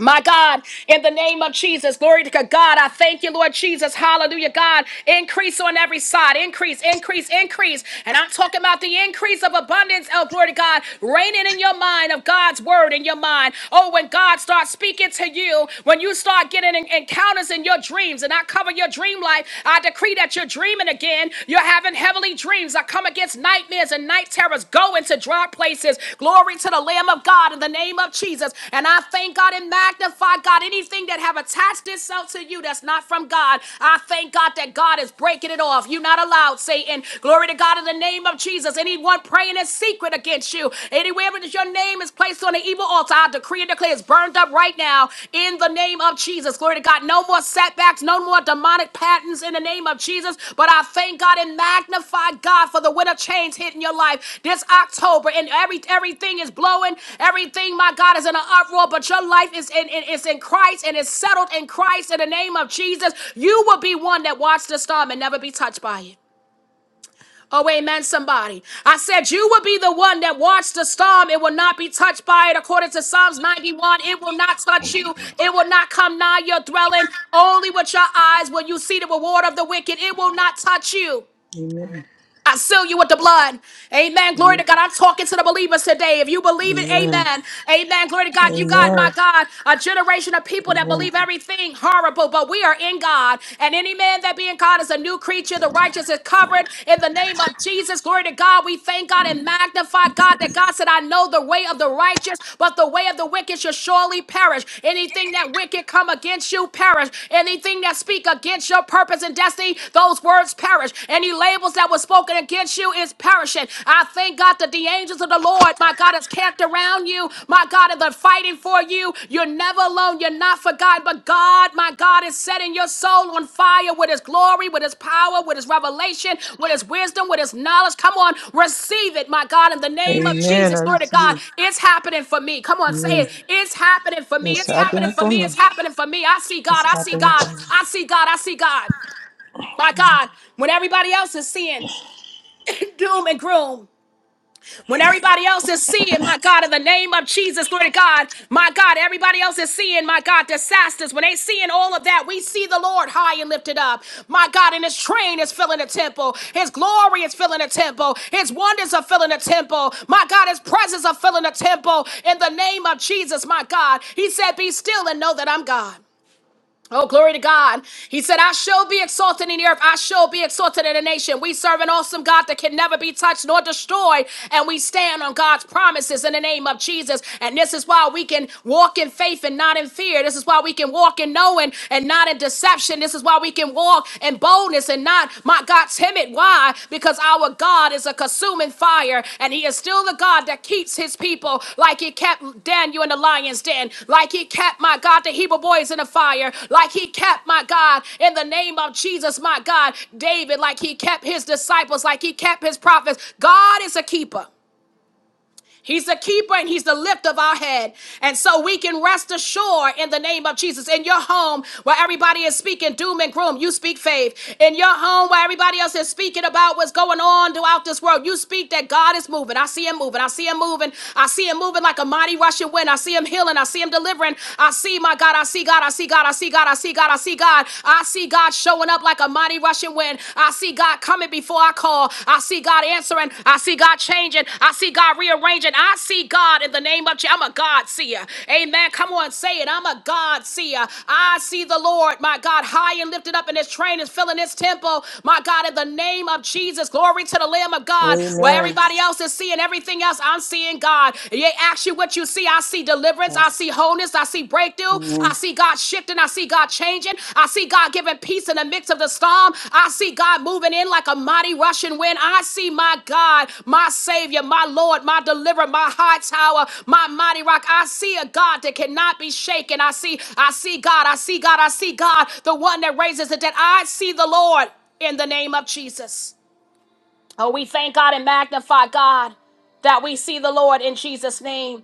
My God, in the name of Jesus, glory to God. God, I thank you, Lord Jesus. Hallelujah, God. Increase on every side. Increase, increase, increase. And I'm talking about the increase of abundance, oh, glory to God, reigning in your mind of God's word in your mind. Oh, when God starts speaking to you, when you start getting en- encounters in your dreams, and I cover your dream life, I decree that you're dreaming again. You're having heavenly heavenly dreams. I come against nightmares and night terrors. Go into dry places. Glory to the Lamb of God in the name of Jesus. And I thank God and magnify God. Anything that have attached itself to you that's not from God, I thank God that God is breaking it off. You're not allowed, Satan. Glory to God in the name of Jesus. Anyone praying in secret against you, anywhere that your name is placed on the evil altar, I decree and declare it's burned up right now in the name of Jesus. Glory to God. No more setbacks, no more demonic patterns in the name of Jesus. But I thank God and magnify God for the winter chains hitting your life this October. And every everything is blowing. Everything, my God, is in an uproar. But your life is in, in is in Christ and is settled in Christ in the name of Jesus. You will be one that watched the storm and never be touched by it. Oh, amen, somebody. I said, You will be the one that watched the storm. It will not be touched by it. According to Psalms 91, it will not touch you. It will not come nigh your dwelling. Only with your eyes will you see the reward of the wicked. It will not touch you. Amen. I seal you with the blood. Amen. Glory to Amen. God. I'm talking to the believers today. If you believe it, Amen. amen. Amen. Glory to God. You got, my Amen. God, a generation of people that believe everything horrible, but we are in God. And any man that be in God is a new creature. The righteous is covered in the name of Jesus. Glory to God. We thank God and magnify God that God said, I know the way of the righteous, but the way of the wicked shall surely perish. Anything that wicked come against you, perish. Anything that speak against your purpose and destiny, those words perish perish. Any labels that were spoken against you is perishing. I thank God that the angels of the Lord, my God, is camped around you. My God, and they're fighting for you. You're never alone. You're not forgotten. But God, my God, is setting your soul on fire with his glory, with his power, with his revelation, with his wisdom, with his knowledge. Come on, receive it, my God, in the name of Amen. I Jesus. Glory to receive God. it. It's happening for me. Come on, say Amen. it. It's happening for me. It's It's happening happening for for me. It's me. happening for me. I see God. It's I see happening God. for me. I see God. I see God. My God, when everybody else is seeing doom and gloom, when everybody else is seeing, my God, in the name of Jesus, glory to God, my God, everybody else is seeing, my God, disasters. When they seeing all of that, we see the Lord high and lifted up. My God, and his train is filling the temple. His glory is filling the temple. His wonders are filling the temple. My God, his presence are filling the temple. In the name of Jesus, my God, he said, be still and know that I'm God. Oh, glory to God. He said, I shall be exalted in the earth. I shall be exalted in the nation. We serve an awesome God that can never be touched nor destroyed. And we stand on God's promises in the name of Jesus. And this is why we can walk in faith and not in fear. This is why we can walk in knowing and not in deception. This is why we can walk in boldness and not, my God got timid. Why? Because our God is a consuming fire, and He is still the God that keeps His people, like He kept Daniel in the lion's den, like He kept my God the Hebrew boys in the fire, like He kept my God in the name of Jesus, my God David, like He kept His disciples, like He kept His prophets. God is a keeper. He's the keeper and he's the lift of our head. And so we can rest assured in the name of Jesus. In your home where everybody is speaking doom and gloom, you speak faith. In your home where everybody else is speaking about what's going on throughout this world, you speak that God is moving. I see him moving. I see him moving. I see him moving like a mighty rushing wind. I see him healing. I see him delivering. I see my God. I see God. I see God. I see God. I see God. I see God. I see God showing up like a mighty rushing wind. I see God coming before I call. I see God answering. I see God changing. I see God rearranging. I see God in the name of Jesus. I'm a God seer. Amen. Come on, say it. I'm a God seer. I see the Lord, my God, high and lifted up, and his train is filling his temple. My God, in the name of Jesus, glory to the Lamb of God. Where Amen. everybody else is seeing everything else, I'm seeing God. And They ask you what you see. I see see deliverance. I see wholeness. I see breakthrough. I Amen. see God shifting. I see God changing. I see God giving peace in the midst of the storm. I see God moving in like a mighty rushing wind. I see my God, my Savior, my Lord, my deliverer, my high tower, my mighty rock. I see a God that cannot be shaken. I see, I see God. I see God. I see God, the one that raises the dead. I see the Lord in the name of Jesus. Oh, we thank God and magnify God that we see the Lord in Jesus' name.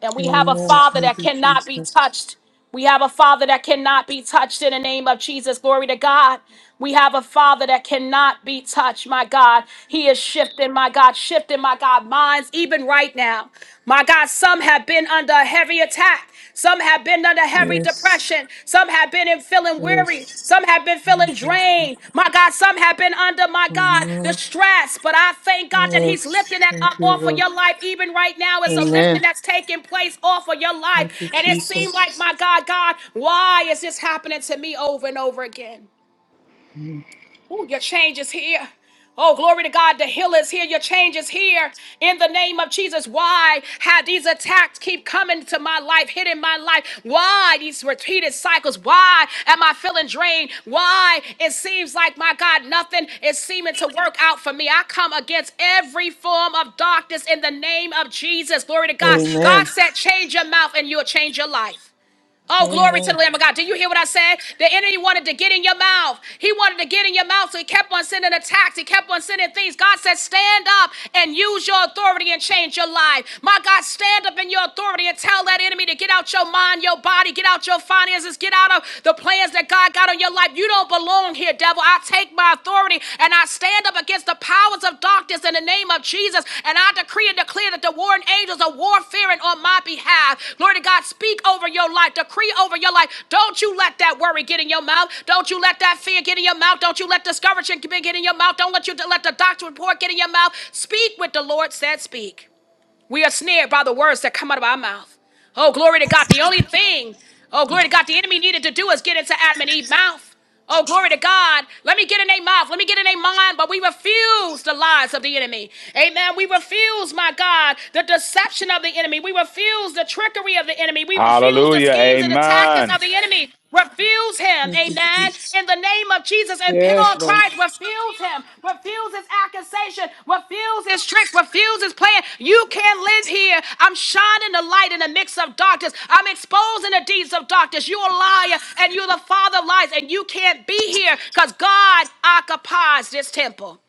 And we have a Amen. Father Thank that you, cannot be Jesus. touched. We have a Father that cannot be touched in the name of Jesus. Glory to God. We have a Father that cannot be touched, my God. He is shifting, my God, shifting, my God, minds even right now. My God, some have been under a heavy attack. Some have been under heavy Yes. depression. Some have been in feeling weary. Yes. Some have been Thank feeling you. drained. My God, some have been under, my God, Amen. distress. But I thank God that He's Yes. lifting that Thank up you, off of Lord. your life. Even right now, it's a lifting Amen. that's taking place off of your life. Thank you, And it seemed Jesus. like, my God, God, why is this happening to me over and over again? Amen. Ooh, your change is here. Oh, glory to God. The hill is here. Your change is here. In the name of Jesus. Why have these attacks keep coming to my life, hitting my life? Why these repeated cycles? Why am I feeling drained? Why it seems like, my God, nothing is seeming to work out for me? I come against every form of darkness in the name of Jesus. Glory to God. God said, change your mouth and you'll change your life. Oh, glory to the Amen. Lamb of God. Do you hear what I said? The enemy wanted to get in your mouth. He wanted to get in your mouth, so he kept on sending attacks. He kept on sending things. God said, Stand up and use your authority and change your life. My God, stand up in your authority and tell that enemy to get out your mind, your body, get out your finances, get out of the plans that God got on your life. You don't belong here, devil. I take my by authority, and I stand up against the powers of darkness in the name of Jesus. And I decree and declare that the warring angels are warfaring on my behalf. Glory to God, speak over your life, decree over your life. Don't you let that worry get in your mouth. Don't you let that fear get in your mouth. Don't you let discouragement get in your mouth. Don't let you let the doctor report get in your mouth. Speak what the Lord said, speak. We are snared by the words that come out of our mouth. Oh, glory to God. The only thing, oh, glory to God, the enemy needed to do is get into Adam and Eve's mouth. Oh, glory to God. Let me get in their mouth. Let me get in their mind. But we refuse the lies of the enemy. Amen. We refuse, my God, the deception of the enemy. We refuse the trickery of the enemy. We refuse the Hallelujah. schemes and the tactics of Amen. the enemy. Satan. Refuse him, Thank you, amen. Jesus. In the name of Jesus, and pin Yes, on Lord. Christ. Refuse him. Refuse his accusation. Refuse his trick. Refuse his plan. You can't live here. I'm shining the light in the mix of darkness. I'm exposing the deeds of darkness. You're a liar, and you're the father of lies, and you can't be here because God occupies this temple.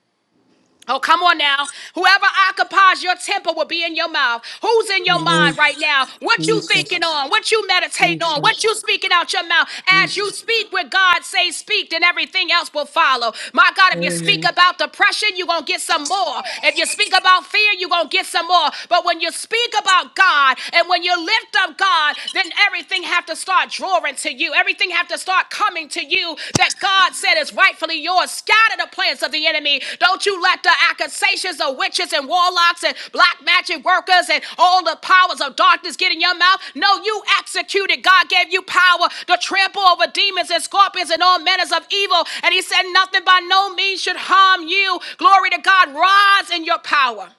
Oh, come on now. Whoever occupies your temple will be in your mouth. Who's in your Amen. mind right now? What you Jesus, thinking on? What you meditating on? What Jesus, you speaking out your mouth? As Jesus. you speak what God say speak, then everything else will follow. My God, if you speak Amen. about depression, you're going to get some more. If you speak about fear, you're going to get some more. But when you speak about God and when you lift up God, then everything have to start drawing pouring to you. Everything have to start coming to you that God said is rightfully yours. Scatter the plans of the enemy. Don't you let the accusations of witches and warlocks and black magic workers and all the powers of darkness get in your mouth. No, you executed. God gave you power to trample over demons and scorpions and all manners of evil. And he said nothing by no means should harm you. Glory to God. Rise in your power.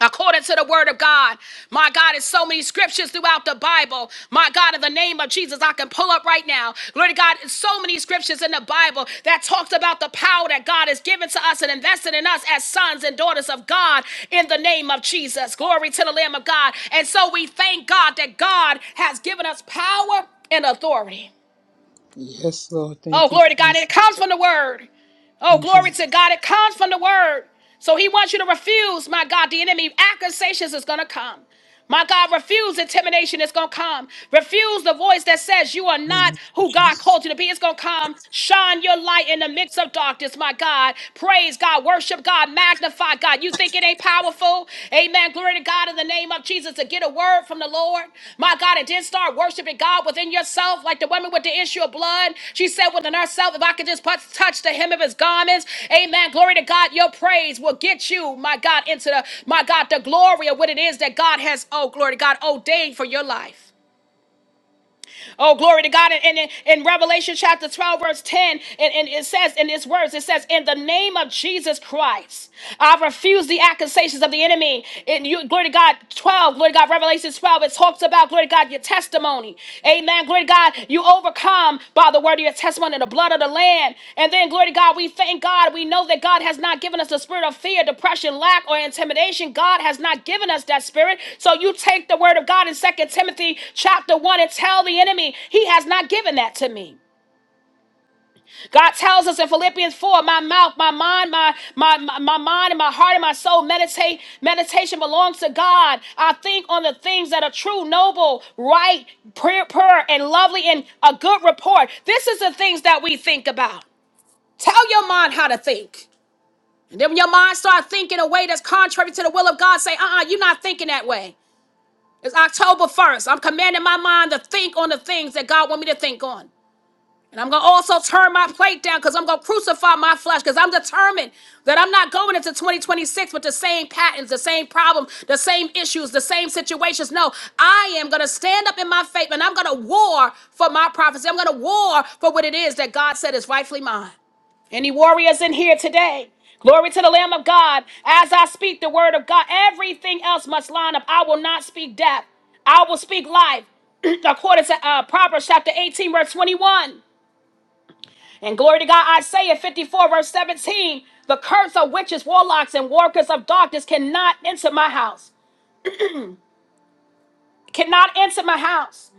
According to the word of God, my God, is so many scriptures throughout the Bible. My God, in the name of Jesus, I can pull up right now. Glory to God, it's so many scriptures in the Bible that talks about the power that God has given to us and invested in us as sons and daughters of God in the name of Jesus. Glory to the Lamb of God. And so we thank God that God has given us power and authority. Yes, Lord. Oh, Thank you, glory to God. And it Jesus. comes from the word. Oh, Thank glory you. to God. It comes from the word. So he wants you to refuse, my God. The enemy accusations is going to come. My God, refuse intimidation. It's going to come. Refuse the voice that says you are not Amen, who God Jesus. called you to be. It's going to come. Shine your light in the midst of darkness, my God. Praise God. Worship God. Magnify God. You think it ain't powerful? powerful. Amen. Glory to God in the name of Jesus to get a word from the Lord. My God, and then start worshiping God within yourself, like the woman with the issue of blood. She said within herself, if I could just put- touch the hem of his garments, amen. Glory to God, your praise will get you, my God, into the, my God, the glory of what it is that God has, oh, glory to God, ordained for your life. Oh, glory to God. And in, in Revelation chapter 12, verse 10, and, and it says in its words, it says, In the name of Jesus Christ, I refuse the accusations of the enemy. And you, glory to God, 12, glory to God, Revelation 12, it talks about, glory to God, your testimony. Amen. Glory to God, you overcome by the word of your testimony and the blood of the land. And then, glory to God, we thank God. We know that God has not given us the spirit of fear, depression, lack, or intimidation. God has not given us that spirit. So you take the word of God in Second Timothy chapter 1 and tell the enemy, He has not given that to me. God tells us in Philippians 4, my mouth, my mind, my, my, my, my mind and my heart and my soul meditate. Meditation belongs to God. I think on the things that are true, noble, right, pure, pure and lovely and a good report. This is the things that we think about. Tell your mind how to think. And then when your mind start thinking a way that's contrary to the will of God, say, uh-uh, you're not thinking that way. It's October 1st. I'm commanding my mind to think on the things that God want me to think on. And I'm going to also turn my plate down because I'm going to crucify my flesh because I'm determined that I'm not going into 2026 with the same patterns, the same problem, the same issues, the same situations. No, I am going to stand up in my faith and I'm going to war for my prophecy. I'm going to war for what it is that God said is rightfully mine. Any warriors in here today? Glory to the Lamb of God. As I speak the word of God, everything else must line up. I will not speak death, I will speak life. According to uh, Proverbs chapter 18, verse 21. And glory to God, Isaiah 54, verse 17 the curse of witches, warlocks, and workers of darkness cannot enter my house cannot enter my house.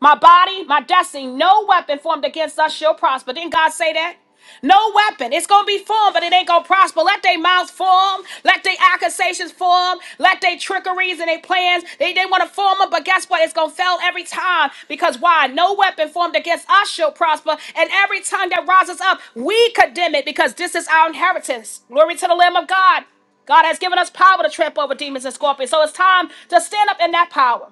My body, my destiny, no weapon formed against us shall prosper. Didn't God say that? No weapon. It's going to be formed, but it ain't going to prosper. Let their mouths form. Let their accusations form. Let their trickeries and their plans. They, they want to form them, but guess what? It's going to fail every time. Because why? No weapon formed against us shall prosper. And every tongue that rises up, we condemn it because this is our inheritance. Glory to the Lamb of God. God has given us power to trample over demons and scorpions. So it's time to stand up in that power.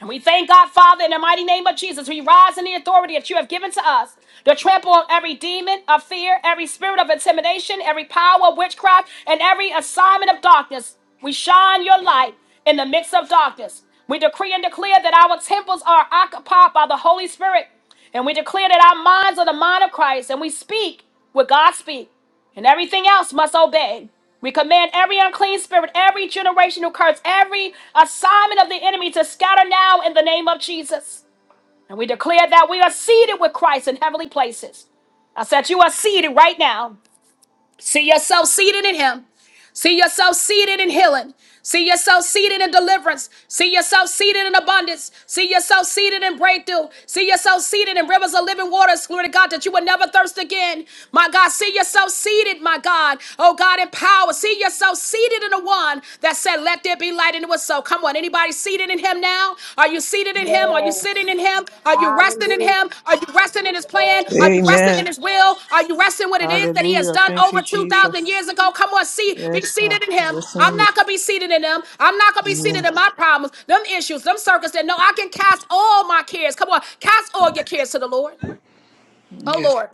And we thank God, Father, in the mighty name of Jesus. We rise in the authority that you have given to us to trample on every demon of fear, every spirit of intimidation, every power of witchcraft, and every assignment of darkness. We shine your light in the midst of darkness. We decree and declare that our temples are occupied by the Holy Spirit. And we declare that our minds are the mind of Christ. And we speak what God speaks and everything else must obey. We command every unclean spirit, every generational curse, every assignment of the enemy to scatter now in the name of Jesus. And we declare that we are seated with Christ in heavenly places. I said, You are seated right now. See yourself seated in Him. See yourself seated in healing. See yourself seated in deliverance. See yourself seated in abundance. See yourself seated in breakthrough. See yourself seated in rivers of living waters. Glory to God that you will never thirst again. My God, see yourself seated, my God. Oh God, in power. See yourself seated in the one that said, Let there be light, and it was so. Come on, anybody seated in Him him now? Are you seated in him? Are you Yes. sitting in him? Are you resting in Hallelujah. him? Are you resting in his plan? Are you Yes. resting in Amen. his will? Are you resting what it is that he has Hallelujah. done Thank you, over 2,000 Jesus. years ago? Come on, see, be Yes, God. seated in him. I'm Listen to not gonna be seated in them. I'm not gonna you. be seated Amen. in my problems, them issues, them circumstances. No, I can cast all my cares. Come on, cast all your cares to the Lord. Oh, Yes. Lord.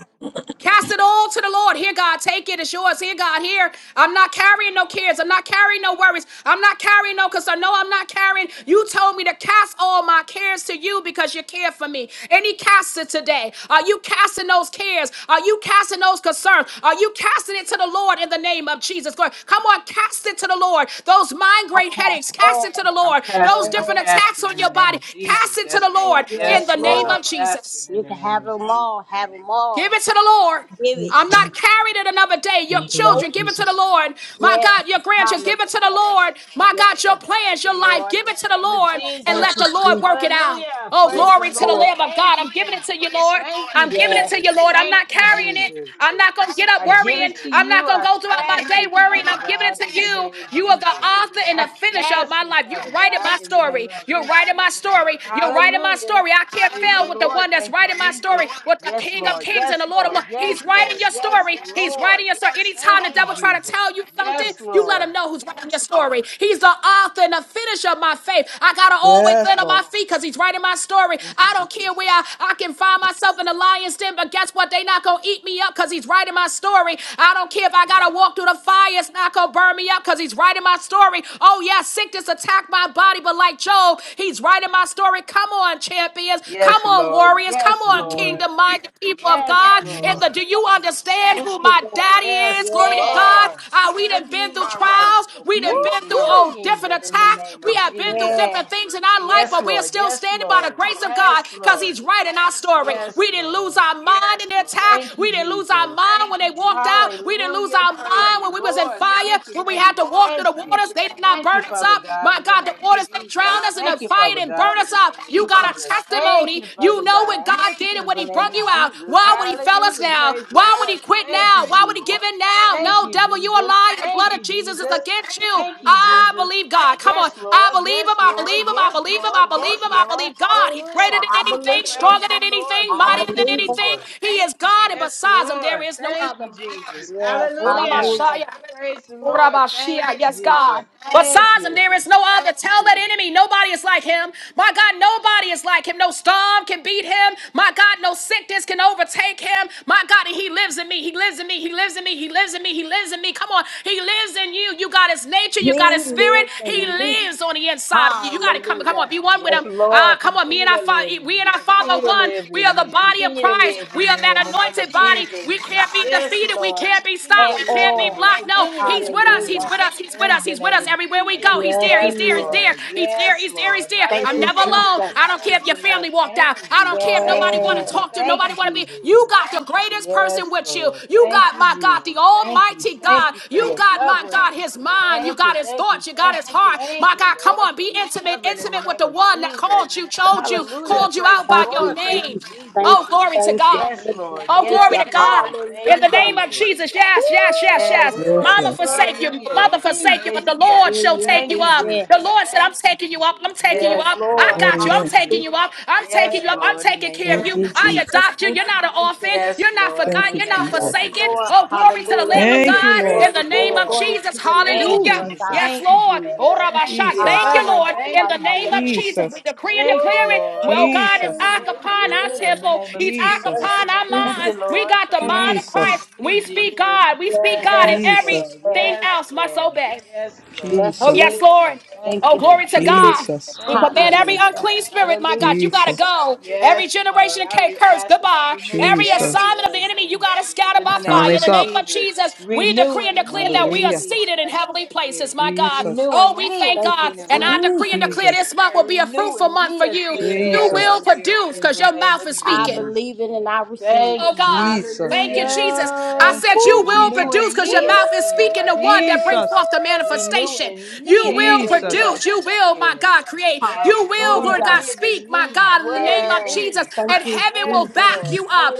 Cast it all to the Lord. Here, God, take it. It's yours. Here, God, here. I'm not carrying no cares. I'm not carrying no worries. I'm not carrying no concern. No, I'm not carrying. You told me to cast all my cares to you because you care for me. And He casts it today. Are you casting those cares? Are you casting those concerns? Are you casting it to the Lord in the name of Jesus? Lord, come on, cast it to the Lord. Those I migraine pass headaches, cast it to all. the I'm Lord. Those casting, I'm different Yes. attacks casting on in your the name body, of Jesus. cast it to Yes, the Lord. Lord in Yes, Yes, the Lord. name I'm Lord. of casting Jesus. in You the can name have of them Jesus. all. Have them Give all. it to the Lord. Give it. Yes, I'm Lord. not carried it another day. Your Thank you, Lord Nope. children, give it to the Jesus. Lord. My Yes. God, your grandchildren, give it Hallelujah. to the Lord. My Yes. God, your plans, your life, Lord, give in it the to the name of Lord and Thank Jesus. let you, the Lord Jesus. work it out. Hallelujah. Oh, Yes, Praise the glory to the Lord. Lord. Lamb of Thank God. I'm you, giving it to Jesus. you, Lord. Thank I'm you, giving it Yes. to Jesus. you, Lord. I'm Thank not you, carrying it. Jesus. I'm not going to get up I give worrying. it to I'm not you. going to I go throughout my cast day it, worrying. Father I'm giving it God, to in the you. name of You are the Jesus. author and I the finisher of cast my it, life. You're Father writing God, my in the name story. of You're Jesus. writing my story. You're writing my Hallelujah. story. I can't Praise the fail with the Lord. one that's Thank you, writing my Jesus. story, with the Yes, King of Lord. Kings and the Yes, Lord of Lord. Lords. He's Yes, writing Lord. your Yes, story. He's Lord. writing your story. Anytime Thank the you, devil try to Jesus. tell you something, Yes, you let him Lord. know who's writing your story. He's the author and the finisher of my faith. I gotta always Yes, land on my Lord. feet because he's writing my story. Thank you, I don't care Jesus. where I, I can find myself in the lion's den, but guess what? They not gonna eat me up because he's writing my story. I don't care if I gotta walk through the fires it's not going to burn me up because he's writing my story. Oh, yeah, sickness attacked my body, but like Job, he's writing my story. Come on, champions. Yes, Come on, Lord. warriors. Come Yes, on, Amen. Lord. kingdom minded people of Yes, God. In Amen. the, Lord. do you understand Thank who you, my Lord. daddy is? Yes, Glory to Yes. God. Lord. Uh, we done Give me been through my trials. rightful We Woo, done place been in through your oh, woo. different kingdom in the attacks. name We of have been through Jesus. Yes. different things in our life, Yes, but we are Lord. still Yes, standing by the Lord. grace of God Yes, because Lord. he's writing our story. Yes, We didn't lose Lord. our mind in the attack. Thank you, We didn't lose our Jesus. mind when they walked out. We didn't lose our Hallelujah. our Praise mind the when we was in Lord. fire, Thank you, when we thank had you, to walk through thank the you. waters, they did not Thank you, burn us Father up. God, My in the God, the name of waters they Jesus. drowned us in the Thank you, fire Father and God, burn in us the up. name of You got a Jesus. Thank testimony. you, You Father know what God, God did and in when the He name brung of you out. Jesus. Why would He fail us Hallelujah. now? Praise the Why would Lord. He quit Thank now? you, Why would He Jesus. give in now? Thank No, you, devil, you are Jesus. lying. The Thank blood of you, Jesus is Jesus. against you. Thank you, I Jesus. believe God. Come on. Yes, I Lord. believe Yes, Him. I Lord. believe Him. I Yes, believe Him. Lord. I believe Yes, Him. I Lord. believe God. He's greater Hallelujah. than I anything, believe him. Praise stronger the than Lord. anything, I Thank mightier you, than believe him. anything. Jesus. He is God, and Yes, besides Him, there Lord. is no Thank other. you, Jesus. Yes. Hallelujah. Hallelujah. Praise the Lord. Thank Urabashia, you, Yes, Jesus. God. Thank Besides him, you. there is no other. Tell that enemy, nobody is like him. My God, nobody is like him. No storm can beat him. My God, no sickness can overtake him. My God, and he lives in me. He lives in me. He lives in me. He lives in me. He lives in me. Come on. He lives in you. You got his nature. You got He his spirit. lives He in me. lives on the inside of you. You got to come. Come on. Hallelujah. Be one with Yes, him. Ah, Lord. come on. Me Continue and to live I, in we and me. our Father Continue are to one. live We are in the me. body of Continue to Christ. live We in are me in that the name anointed of body. Jesus. We can't be Yes, defeated. We Lord. can't be Continue to stopped. at We live can't be in all. me. blocked. No, Continue to He's live with in us. He's me Hallelujah. with us. He's with in us. the He's with name us of everywhere we Jesus. go. He's Yes, there. He He's Yes, there. He's is. there. Lord. He's there. Yes, He's there. He's Lord. there. Thank I'm you, never Hallelujah. alone. Jesus. I don't care Praise if your the Lord. family walked Thank out. you, I don't Jesus. care if Thank nobody you, want to Yes, Jesus. talk to. Thank Nobody you, want to be. Jesus. You got the greatest person Yes, with you. Lord. You Thank got you, my God, Jesus. the Thank you. Almighty Thank God. you for You your got my covering. God. His his mind, you Thank you. got his Thank you. thoughts, you got Thank his you. heart. Thank My you, God, come Lord, on, for be your intimate, covering in the intimate with name the of one that Jesus. called you, chose you, Jesus. Hallelujah. called you Praise out the by Thank your you, Lord. Thank name. you, Jesus. Thank Jesus. Oh, you, glory to thank you, God. Yes, thank you, Lord. Oh, thank glory Yes, you. to God. Lord. In Thank the you, name Hallelujah. of Jesus. Jesus. Yes, yes, yes, Woo! yes. Yes, Yes, Glory, Mama Lord. Lord. glory, forsake you. Hallelujah. Mother glory. forsake you, but Praise the the Lord Lord. Yeah, shall yeah, take Thank you yeah, you, up. yeah. The Jesus. Lord said, I'm taking you up. I'm taking you Yes, Yes, up. I Lord. Lord. got you. Thank I'm Amen. you, taking Jesus. Hallelujah. you up. I'm taking Yes, Yes. you up. I'm Lord, in the taking name care care of Thank of Thank you. you, you, Jesus. I Jesus. Jesus. adopt you. Thank You're you, not an orphan. Jesus. Yes, You're not Lord, Thank in forgotten. the you, You're not name of Yes, Jesus. forsaken. Jesus. Lord. Oh, glory to the Lamb Hallelujah. of Thank Hallelujah. you, God Lord. Praise in the the Glory, name glory, of Lord. glory Jesus. to your Thank you, name, Ooh, Hallelujah. Lord Jesus. God. Jesus. Yes, Thank you, Lord. Jesus. Oh, Yes. Thank you for Rabashah. your Thank Jesus. you, Ah, covering. yeah, Lord. In Thank yeah, the you, yeah, yeah, name of Jesus. Jesus, yeah. we Jesus. decree and Thank you, declare it. Lord, Well, Woo, for God is yeah, Jesus. covering and yeah, yeah, occupying keeping our me in the yeah. temple. name of He's Thank Jesus. Jesus, you, occupying our Thank you, Jesus. minds. We Lord, got for the Thank you, mind covering of and Jesus. keeping Christ. Jesus, me, We speak Jesus. God. We speak Yes, God and Yes, Jesus, Lord. everything Yes, yes, else must Lord. obey. Yes, Lord. Oh, yes, Jesus, yes, Thank Lord. you. Lord. Thank Thank Oh, you. you. glory to Hallelujah. God. Jesus, We Thank you, command every Jesus. Hallelujah. unclean spirit, my Hallelujah. God, you got to Jesus, go. Every Yes, Lord. generation of I cake re- curse, ask that you goodbye. remove Every Jesus. every assignment of the enemy, you unclean got to spirit scatter in The by the name time fire. In is of the name up. of Jesus. Jesus, we decree and Renewing declare me that a we are Hallelujah. clean and seated in righteous heavenly places, spirit. my God. Jesus. Oh, Renewing we me a thank Thank God. you, clean and And I right Oh, decree Jesus. and spirit. declare Jesus. this month So will be a renew fruitful in month for me a you. clean and You right will Jesus. Yes. spirit produce in because the your name mouth of is I speaking. Jesus. believe it and I receive Thank Oh it. you, God. Jesus. Jesus. Thank you, Thank you. Jesus. I Hallelujah. Thank said you you. Oh, will Renew Jesus. produce in because Woo! your me a mouth is clean and speaking the one righteous that brings spirit. forth Jesus. the Renew manifestation. in You me a Yeah, will yeah, clean and yeah. Jesus. produce. You righteous will, my spirit. God, create. You Yes, will, Lord. Lord God, Hallelujah. Jesus. Live speak, in my me. God, in the Dwell name in Yeah. of Jesus. me. Thank And you, heaven Yes, will Jesus. back Lord. you up.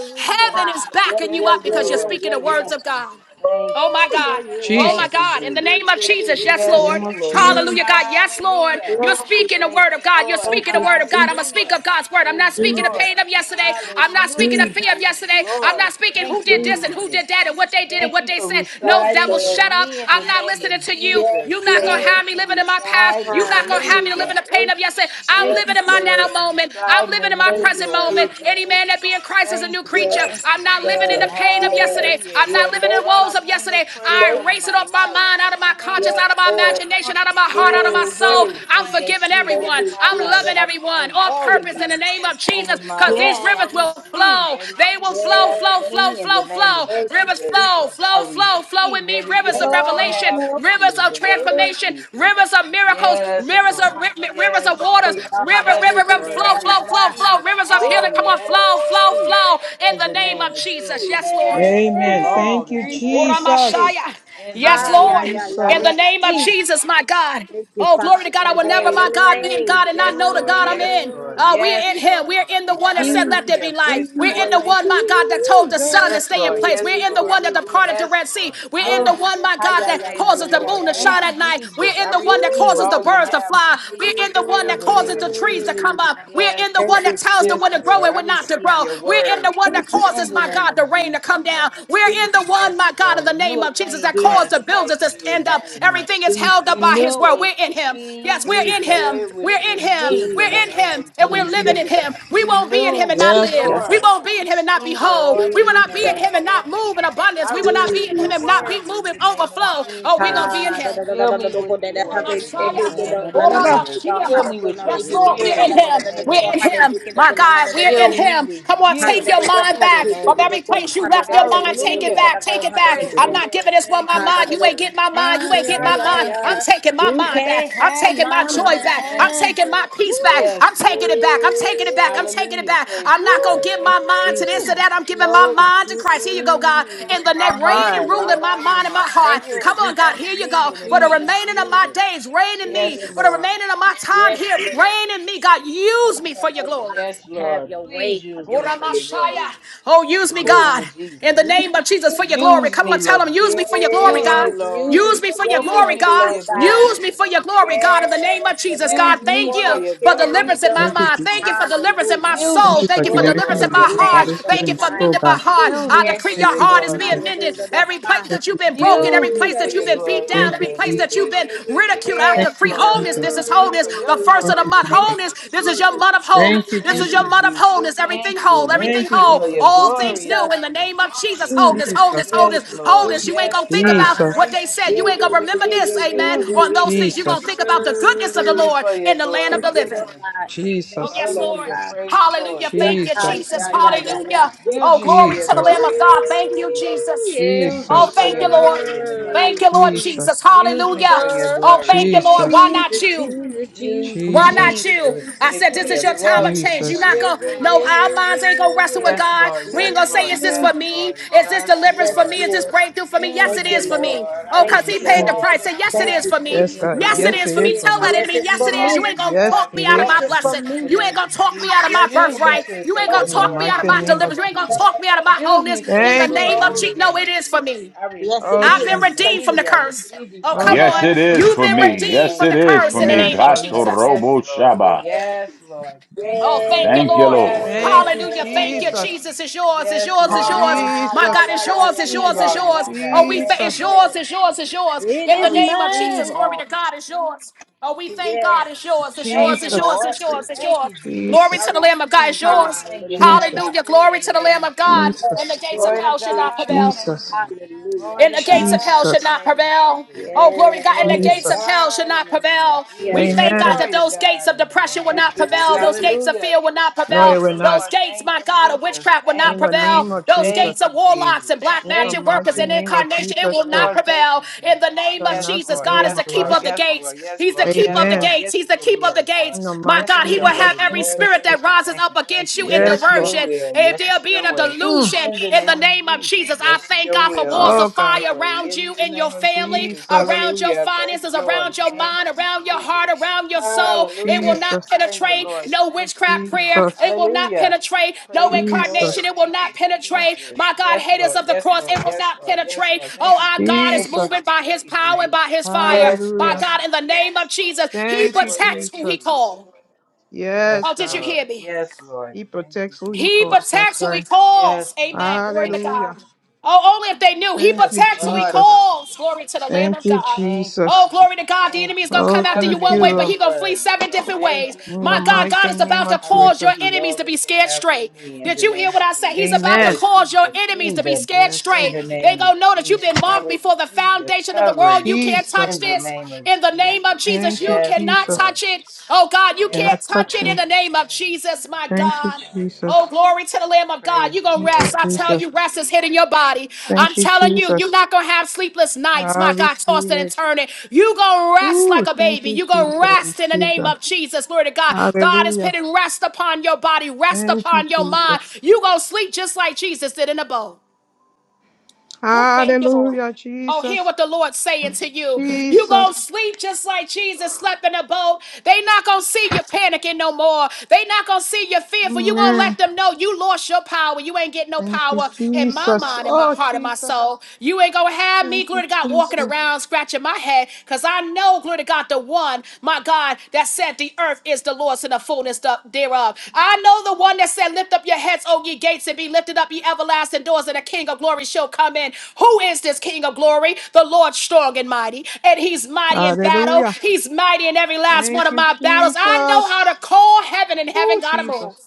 God. Heaven is Yeah, backing you Praise yeah, up the yeah, because you're yeah, Lord. speaking the yeah, Thank words yeah. you, of God. Jesus. Thank Oh you, my Woo! Yeah, God. Jesus. yeah, Oh my Thank Jesus. yeah, you, God. In yeah, the Jesus. yeah, yeah, name of yeah, Jesus. yeah, Yes, yeah, yeah. Yes, Lord. Name of yeah, yeah. Jesus. Lord. Mm. Hallelujah, God. Yes, Lord. Hallelujah. You're speaking the Glory. Praise word the of God. You're Lord. Thank speaking the you, word of God. I'm going to speak of Hallelujah. God's word. I'm Praise not the speaking the Lord. Jesus, pain of yesterday. I'm not speaking the Hallelujah. Jesus, fear of Praise the yesterday. I'm Lord. not speaking who Thank you, did this and Jesus. Jesus. who did that and what they did and Thank what you they for said. Yes, No, devil, residing Lord. in shut up. me in the I'm not name listening of to you. Yes, Jesus. You're not going to Thank Lord. you have me for living in my past. You're residing not in going to me, have me to live Hallelujah. in the pain Jesus. of yesterday. I'm Yes, Thank living you in my for now us Lord. moment. I'm residing living in in my me, Thank you, present Lord moment. Jesus. Any Jesus. man that be in Christ is a Thank new you, Yes, creature. thank you, I'm not thank living you. in the yes, pain of yes, yesterday. Hallelujah. I'm yeah, not not living in nope, the Lord, I woes of claim yesterday. those prayers I nope, over erase it my off my life. mind, I out of my claim, conscience, yes, out of my I Lord. imagination, cr- out of I my heart, out of my claim soul. hmm I'm everything that's forgiving you Thank over everyone. you, my I'm life. loving Jesus. I everyone claim on all of purpose in the you name of over Jesus my because these life. Yes. I rivers will receive flow. They everything will you flow, have flow, for Yes, flow, me in the flow, name of flow. thank you, Rivers Jesus. Jesus. flow, I flow, flow, flow in receive me. Rivers of everything that you no, revelation, no. have for rivers me in of the name Lord, of Lord. transformation, Jesus. rivers of Thank miracles, you, Yes, Jesus. rivers Lord. of ri- rivers of Yes, waters, Lord. river, Yes, river, river, Lord. I flow, Hallelujah. flow, flow, receive flow, it rivers of Woo! healing. all Come you on, have flow, for flow, me. flow in In the the name name of of Jesus. Jesus, Yes, I Lord. receive Amen. Yeah. all Thank that you, you Thank have you. for Jesus. me. Uramashaya. In the Yes, Ha, name of yeah, Lord. yeah, Jesus, yeah, I In the yeah, Jesus. yeah, name of receive yeah. Jesus, my God. Thank you, Oh, Father, glory to in God. the I in will the name, never, in name the my of God, be in Jesus. God name. and not Yes, know the Lord. God I'm Yes, in. Lord. Uh, Yes, we're in Him. Lord. We're in the one Mm. that said, Let there Jesus, be Hallelujah. light. Praise the We're in Lord. the Jesus, Thank one, you, my God, that Jesus. told the sun Jesus. to Yes, stay in Lord. Yeah, place. Yes, We're yeah, in the yeah, Lord. one that yeah, yeah. departed the Yes, Red Sea. Lord. We're in Oh, the one, Hallelujah. my hi, God, yeah, that yeah, Praise yeah, the causes yeah, the yeah, Lord. moon to yeah, yeah. shine Thank you, at night. We're Jesus. in I the one that receive Woo, causes the all you birds to have for fly. We're me yeah. in the one in that the causes name the of trees to Jesus. Mm. come up. We're Yes, in the Thank Lord. one you, that tells the Yes, one to Jesus, grow Lord. and I we're not to receive grow. your We're in the word one that in causes, the my name God, of the rain to Jesus. come down. We're in the one, Yes, my God, in Lord. the Renew name a of Jesus clean, that Jesus, caused fast, the and right builders to spirit stand up. within me Everything is Jesus, held up by his Renew word. a We're in him. Yes, clean we're in Jesus, him. spirit We're in within him. me We're in the in Jesus, name him. of And we're Jesus. living in Hallelujah. him. We won't be in him Renew, and not Yes, live. Lord. Jesus, We restore, won't be in him fix and not be me, whole. Lord, We in will the not be Jesus, name in of him and not Jesus. move in abundance. I We will not Jesus, be receive in him your and Jesus, not be word in moving the name of overflow. Oh, Ha, we're going to Jesus. be in Ha Ha him. Ha Ha Ha Ha Ha da da da da Fill da da me do with ko da da your Ora ha ke word ke in ke the Messiah. ke do name of na na Ora na ni Ba-ba-ba-ba-ba-ba-ba. Jesus. da ha Fill da. Mashiach. me ko with na your ni Yes, he Really ke Lord, we're da bless you. in spirit da da in da the him. da da name do We're of ko Ba-ba-ba-ba-ba. in ha da him. he Jesus. ke do My ko na na God, da da we're da. in Fill he me him. with Come on, ha da take you da your do ko mind ha in da the back. he From name ke of da every ko place you ha Jesus. da left da your da da mind, da take da. it da Hallelujah. ka back. da Take ko it ha da back. da Thank Praise you, the I'm he God. not Lord. giving this one Thank my you, ha da mind. You da do ain't Jesus. ko get my ha mind. You Thank ain't you, ya get God. my ya mind. Thank ya you, I'm taking my You mind back. can I'm have taking you, my my joy Lord. back. I'm Thank taking you, man. taking my Lord. peace back. Woo! I'm Yes, taking Lord. it back. I'm taking it back. I'm Yeah. taking it Hallelujah. back. Praise I'm the not going Lord. to give my Thank you, mind to Woo! this or Jesus. that. I'm giving my No. mind to Christ. Here you go, God. Mm-mm. In Take the my name, reign Thank and you, mind, rule my in Lord. my body, mind and and my my heart. Thank you, Come spirit. on, God. Jesus. Cover Here you me go. in the For the name Jesus, of remaining of Jesus, my Jesus. days, reign in me. Yes, Jesus. For the Lord. remaining of my time Yes, here, reign in me, God. Use me for your Lord. glory. Yes, Have Lord. your way, Please Father. Have use your way. Have your me Ora for way. your glory. Messiah. Oh, use In me, the Ooh, name God, of Jesus. in the name of really, Jesus for your really. glory. Use Come me, on, tell Lord. them, use me for your glory, Use God. me, Yes, use Lord. Use me me for for your your Use glory, me glory, for God. your Lord God. glory Use in me the for name your of glory, Jesus. God, in the name of Yes, Jesus. whatever God, Use you me thank want, you for it your for shall be glory in deliverance the in my done. name Thank of you, mind. Jesus. Thank you for Jesus. deliverance in my Hallelujah. Use Thank soul. you me for Thank for you for your Glory delivering deliverance to our in glory my in your the mind, name heart. name, body, of spirit, Thank Lord you and for Jesus. God. soul, mending my God. heart. Ooh, Use I me decree for yes, Thank your your you, you heart are is glory being in higher the Jesus. than mended. name of the Every Jesus. place high. Thank that you, you've been broken, Jesus. every Use every Ooh, me place yeah, for that you've your yeah, been yeah, beat glory in yeah, down, Thank the you, every name place of that Jesus. you've been Jesus. ridiculed. I yeah, yeah, yeah, yeah, Yes, Thank yeah. decree you, Lord. wholeness. Jesus. This Use is yeah. me wholeness. for yeah. The your Mm. first of Thank the glory you, in month, the Jesus. Thank name wholeness. of This is you, your Jesus. Jesus, month of wholeness. Thank Jesus, you, This is Thank Jesus. your you, month of Jesus, Jesus. wholeness. Jesus, Everything Thank whole, you. Jesus, everything Thank Use you, me whole, for your Jesus. Jesus, all things glory in new the Jesus. in the name of name of Jesus. Jesus. Jesus, Wholeness, wholeness, Yes, wholeness, Jesus, Lord. wholeness. You ain't Jesus, Yes, Jesus. gonna think Lord. about ah, Jesus. what Thank they you, said. Yeah, You ain't yeah, gonna Jesus. yeah, remember yeah, this, yeah, yeah, amen. Use On yeah, yeah, those things, you're Jesus. gonna think about the yeah, goodness yeah. of Use the yeah. me Mm. Lord for your in the land of glory the Thank in the you, living. Lord name of God. Jesus. Oh, Thank you, yes, Lord Lord. Hallelujah. God. Praise the Thank Lord. Hallelujah. you. Thank you, Ah, Thank Jesus. you, Jesus. yeah, yeah, Jesus. yeah, Hallelujah. yeah. Use Oh, me for glory your to the Jesus. Lamb of glory in the God. name of Thank you, Jesus. Ooh, Jesus. yeah. Use Jesus. me Oh, for thank your you, Lord. glory in the name of Thank Mm. you, Lord Jesus. Jesus, Jesus. Jesus. Jesus. Use me Hallelujah. for your Jesus. Oh, glory thank in you, the Lord. name Jesus. of Why not Jesus. Jesus, you? Jesus, Use Jesus, Why Jesus. not Jesus, me for, you? the, I Jesus, eh, said, for this is your your Jesus. time of glory in the change. You Jesus, name not of Yeah, gonna, yeah, no, yeah, Jesus. our yeah, minds ain't gonna wrestle yeah, with yeah, Yes, God. Lord. We ain't Yes, gonna yeah. say, Lord. is this Mm. Yes, for me? Lord. Is this Yes, deliverance Yes, for Lord. me? Is this Lord. breakthrough for me? Yes, Use it Thank you, is me, for Lord. me. Lord. I Oh, I Thank cause he you, receive paid receive the Lord. all it. price. that Say, you yes, it Thank have is you, for for me. Yes, me in Jesus. God. the Yes, Yes, name it Yes, of is it it for me. is Jesus. for Tell is. I me. that Yes, enemy, it's yes, receive it for is. all me. You ain't that gonna you Yes, have talk me it for out of Yes, is my me for it's me. for blessing. in the me. You ain't name gonna of talk me out of Jesus. my Yes, Use me Lord. birthright. to You for ain't No, gonna your In the talk me glory out in of mighty the my name name deliverance. of of You ain't gonna Jesus. Jesus. talk me out of my Use wholeness. me for In your the Thank you, name glory no. of in the Jesus, Jesus. no, name it of is for Jesus. me. I Yes, it Oh, receive I've you. I been is. Jesus. redeemed Thank from you, receive the you. I curse. Jesus. receive you, Oh, Oh, Father come Yes, on. God, it is Jesus. You've for been Yes, in me. the redeemed Yes, name from it the of is curse for in the me. Jesus. Yes, name of for yes, me. Gato Jesus. Yes, robo Lord. yes, shaba. yes. Yes, Lord. Thank Oh, you, thank you, Jesus. Thank you, Lord. Yes, Lord. Thank Lord. you, Hallelujah. Thank you, Thank you, Jesus. Jesus. Jesus. It's yours. It's Yes, yours. It's Lord. yours. Thank you, Ah, My yeah, God, Jesus. Jesus. yeah, it's I yeah, yours. yeah, It's yeah, yeah, receive yours. yeah, It's all yeah. that yours. yeah. you have Oh, for we Yes, thank me it's in Jesus. the yours. name Lord. of It's yours. It's Jesus. yours. It In I the is name of receive Jesus, mine. glory all to God. It's yours. Oh, we thank in the Yes. name God. of It's Jesus. yours. It's Thank yours. you, It's Thank Jesus. yours. you, Lord. It's yours. It's Jesus. Thank yours. you, Jesus. Glory Jesus. I to the Lamb of God. It's receive yours. everything you have Jesus. for Hallelujah. Hallelujah. me Glory in the to the name Lamb of of God. Jesus. And the Glory, Jesus. gates of glory Glory to hell to should not God in God. the prevail name of Jesus. Jesus. Hallelujah. Glory and to the gates of hell God in should the Jesus. not name of prevail. Jesus. Oh, glory to God, Yes, and the Glory to gates of Jesus. hell should God in not the name of prevail. We yes, Jesus. thank Lord. God Amen. that Glory to those gates God of in the depression name will of Thank not you, Jesus. prevail, those Jesus. gates of Hallelujah. fear will not No, prevail, it Praise the will those not. Lord. gates, Thank my you, God, of Jesus. witchcraft will not In Thank the you, prevail, name Jesus. of those Jesus. Thank gates of you, warlocks Jesus. and black In the magic Thank you, workers mighty and Jesus. name of incarnation, it Jesus will not Christ, Lord, thank prevail. you, In Jesus. the name shall of Yes, not be Jesus, Lord. God over is Yes, my the keeper life. Lord. of the Yes, gates. Lord. Yes, He's the Lord. keeper Yes, of the Lord. Amen. gates. Yes He's to the your keeper of the will, Lord. In the gates. My Yes mighty God, to He will your name of have way, every Lord. Jesus spirit Thank Christ. that you, rises thank up you, thank against you. you in Yes Yes, to Lord. your diversion. will. Yes There to being your a way. Mm. delusion In the in the name of name of Jesus. Jesus. I Yes to thank your God for will. walls Yes of Oh to God. your fire way. around you In the and your name of family, Jesus. Jesus. around your Hallelujah. Praise the finances, Lord. around your Thank mind, you, around your heart, Jesus. around your soul. It will Hallelujah. not Jesus. Praise the penetrate Lord. no Thank you, witchcraft prayer. Jesus. Jesus. It will not Hallelujah. penetrate no Praise the Lord. incarnation. Jesus. It will Thank you, not penetrate. Jesus. My God, Yes, haters Lord. of the Yes, cross, Lord. it will Yes, not Lord. Yes, penetrate. Lord. Oh, Thank you, our Jesus. God is Thank you, Jesus. moving Jesus. by his Thank you, power and Jesus. by his fire. Yes, By Lord. Hallelujah. God, in the name of Jesus, he Thank you, Lord, protects thank you, who he Jesus. Jesus. called. Yes, Yes, Oh, did you God. hear Lord. me? Yes, Lord. He Thank you, protects who he He Jesus. calls. That's protects who he right. calls. Yes, Amen. Lord. Glory to Thank you, Hallelujah. God. Jesus. Oh, only if they knew. He Thank Yes, you, protects who he Lord, in the Jesus. name calls. of Glory to the Jesus. Lamb Thank of you, God. Thank you, Oh, Jesus. glory to Jesus. God. The Thank enemy is going you. to Oh, come after Cover you thank me one in you, way, your but Lord. he going to flee blood, seven Lord. different Thank ways. you, In the My Jesus. God, God mighty is name about to of I cause your Jesus. receive enemies all to that be you scared have for straight. me in Did the you hear name what of I said? He's Jesus. about I to Amen. receive cause your the enemies to be kingdom scared Yes. in the straight. They name of going to know that you've Jesus. been I marked before the receive the foundation of the world. covering You can't touch Jesus. in the this name of in the Jesus. name of Jesus. Thank you, You Yes, cannot Jesus. Lord. touch it. Oh, God, you You're can't Yes, not touch it Lord. in touching. the name of Yes. Jesus, my Thank you, God. Lord. Oh, Hallelujah. Jesus. glory to the Lamb of God. Praise You're the going to Thank you, rest. Lord. I tell Thank Jesus. you, you, rest is Jesus. hitting your body. I'm Thank you, telling you, Jesus. you're not going to have sleepless nights. I My God, receive tossing and it. turning. You're going to rest Ooh, like a thank baby. you, You're going to Jesus. I rest in the receive name that. of Jesus. Glory to God. God is Hallelujah. putting rest upon your body, rest Thank you, upon your mind. Jesus. You're going to sleep just like Jesus did in the boat. Hallelujah, Oh, hear Jesus. what the Lord's saying to you. You Jesus. gonna sleep just like Jesus slept in a boat. They not gonna see you panicking no more. They not gonna see you fearful. You gonna Amen. let them know you lost your power. You ain't getting no Thank you, power in my Jesus. mind, in my Oh, heart, in my Jesus. soul. You ain't gonna have Thank me, you, glory to God, walking Jesus. around scratching my head, cause I know, glory to God, the one my God, that said, The earth is the Lord's and the fullness thereof. I know the one that said, Lift up your heads, O ye gates, and be lifted up, ye everlasting doors, and the King of glory shall come in. Who is this King of glory? The Lord strong and mighty, and he's mighty in battle. Hallelujah. He's mighty in every last one Thank of you, my battles. I know Jesus. how to call heaven, and heaven Oh, got to move. Jesus.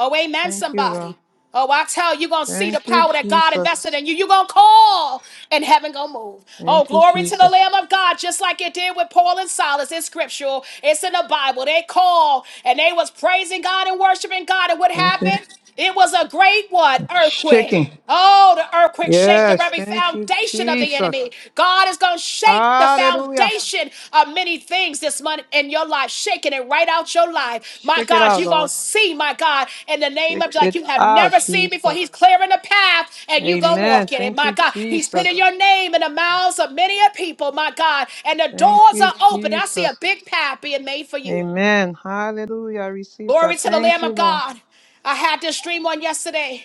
Oh, amen, Thank you, Lord. somebody. Oh, I tell you, you're going to see the Thank you, power that God Jesus. invested in you. You're going to call and heaven going to move. Oh, Thank you, glory to the Jesus. Lamb of God, just like it did with Paul and Silas. It's scriptural. It's in the Bible. They called and they was praising God and worshiping God. And what Thank you. happened? It was a great what? Earthquake. Shaking. Oh, the earthquake shake the Yes. very Thank you, foundation of the Jesus. enemy. God is going to shake the Hallelujah. foundation of many things this month in your life, shaking it right out your life. My Shake it God, out, you're going Lord. to see, my God, in the name Shake of like it you have out, never seen before. He's Jesus. clearing the path and you go Amen. walk in it. Thank My you, God, He's putting Jesus. your name in the mouths of many a people, my God, and the Thank doors you, are open. I see a Jesus. big path being made for you. Amen. Hallelujah. I Receive that. Glory to the Thank Lamb you, of Lord. God. I had this dream on yesterday.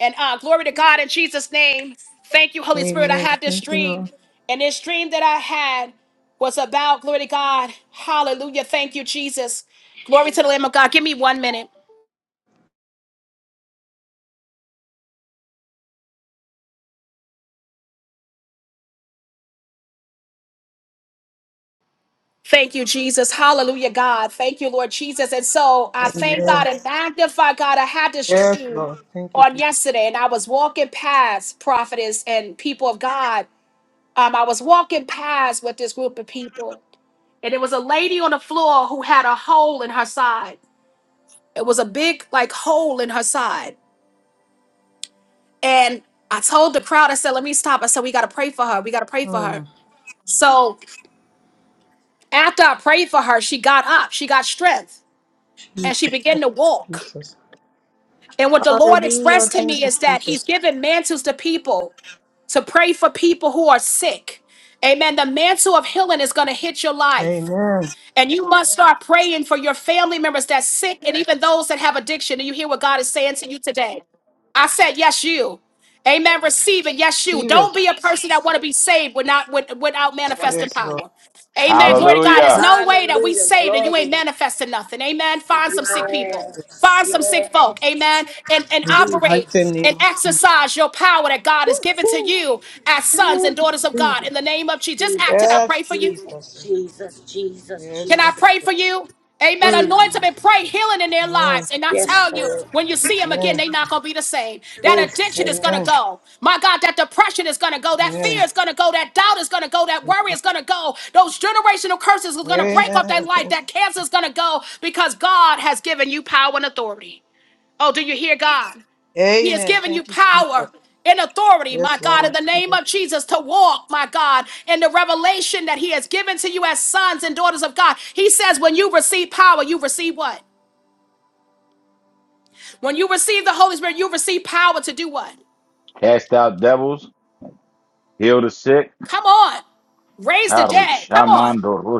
And uh, glory to God in Jesus' name. Thank you, Holy Spirit. I Amen. had this Thank you, dream. Lord. And this dream that I had was about, glory to God. Hallelujah. Thank you, Jesus. Glory to the Lamb of God. Give me one minute. Thank you, Jesus. Hallelujah, God. Thank you, Lord Jesus. And so I thank Amen. God and magnify God. I had this Yes, dream Lord. Thank you, on Jesus. yesterday and I was walking past prophetess and people of God. Um, I was walking past with this group of people and it was a lady on the floor who had a hole in her side. It was a big like hole in her side. And I told the crowd, I said, let me stop. I said, we gotta pray for her. We gotta pray for Mm. her. So after I prayed for her, she got up, she got strength, Jesus. and she began Thank to you, walk. Jesus. And what the Lord Hallelujah. expressed to Thank me you, is that He's Jesus. given mantles to people to pray for people who are sick. Amen. The mantle of healing is going to hit your life. Amen. And you must start praying for your family members that's sick and even those that have addiction. And you hear what God is saying to you today. I said, yes, you. Amen. Receive it. Yes, you. Receive it. Don't be a person that want to be saved without, with- without manifesting Yes, Lord. power. Amen. Glory to God. There's Hallelujah. no way that we Hallelujah. saved and you Glory. ain't manifesting nothing. Amen. Find some sick people. Yes, Find some sick yes, folk. Amen. And, and In the Jesus. operate mighty name and of Jesus. exercise your power that God has given to Woo-hoo. you as sons woo, and daughters of God. In the name of Jesus. Just act it. I Yes, pray for you. Jesus, Jesus. Jesus, Jesus, Jesus, Can Yes. I Jesus. pray for you? Amen. Anoint them Mm. and pray healing in their Jesus. lives. And I Yes, tell you, Lord. when you see them Amen. again, they're not going to be the same. Oh, That addiction is going Jesus. to Amen. go. My God, that depression is going to go. That fear Amen. is going to go. That doubt is going to go. That worry is going to go. Those generational curses are going to Amen. break up their life. Amen. That cancer is going to go because God has given you power and authority. Oh, do you hear God? He has Amen. given Thank you you, Jesus. power and authority, my Yes, Lord. God, in the Receive name it. of Jesus, to walk, my God, in the revelation that He has given to you as sons and daughters of God. He says, when you receive power, you receive what? When you receive the Holy Spirit, you receive power to do what? Cast out devils, heal the sick. Come on. Raise the Haru dead. Come on. shamando ro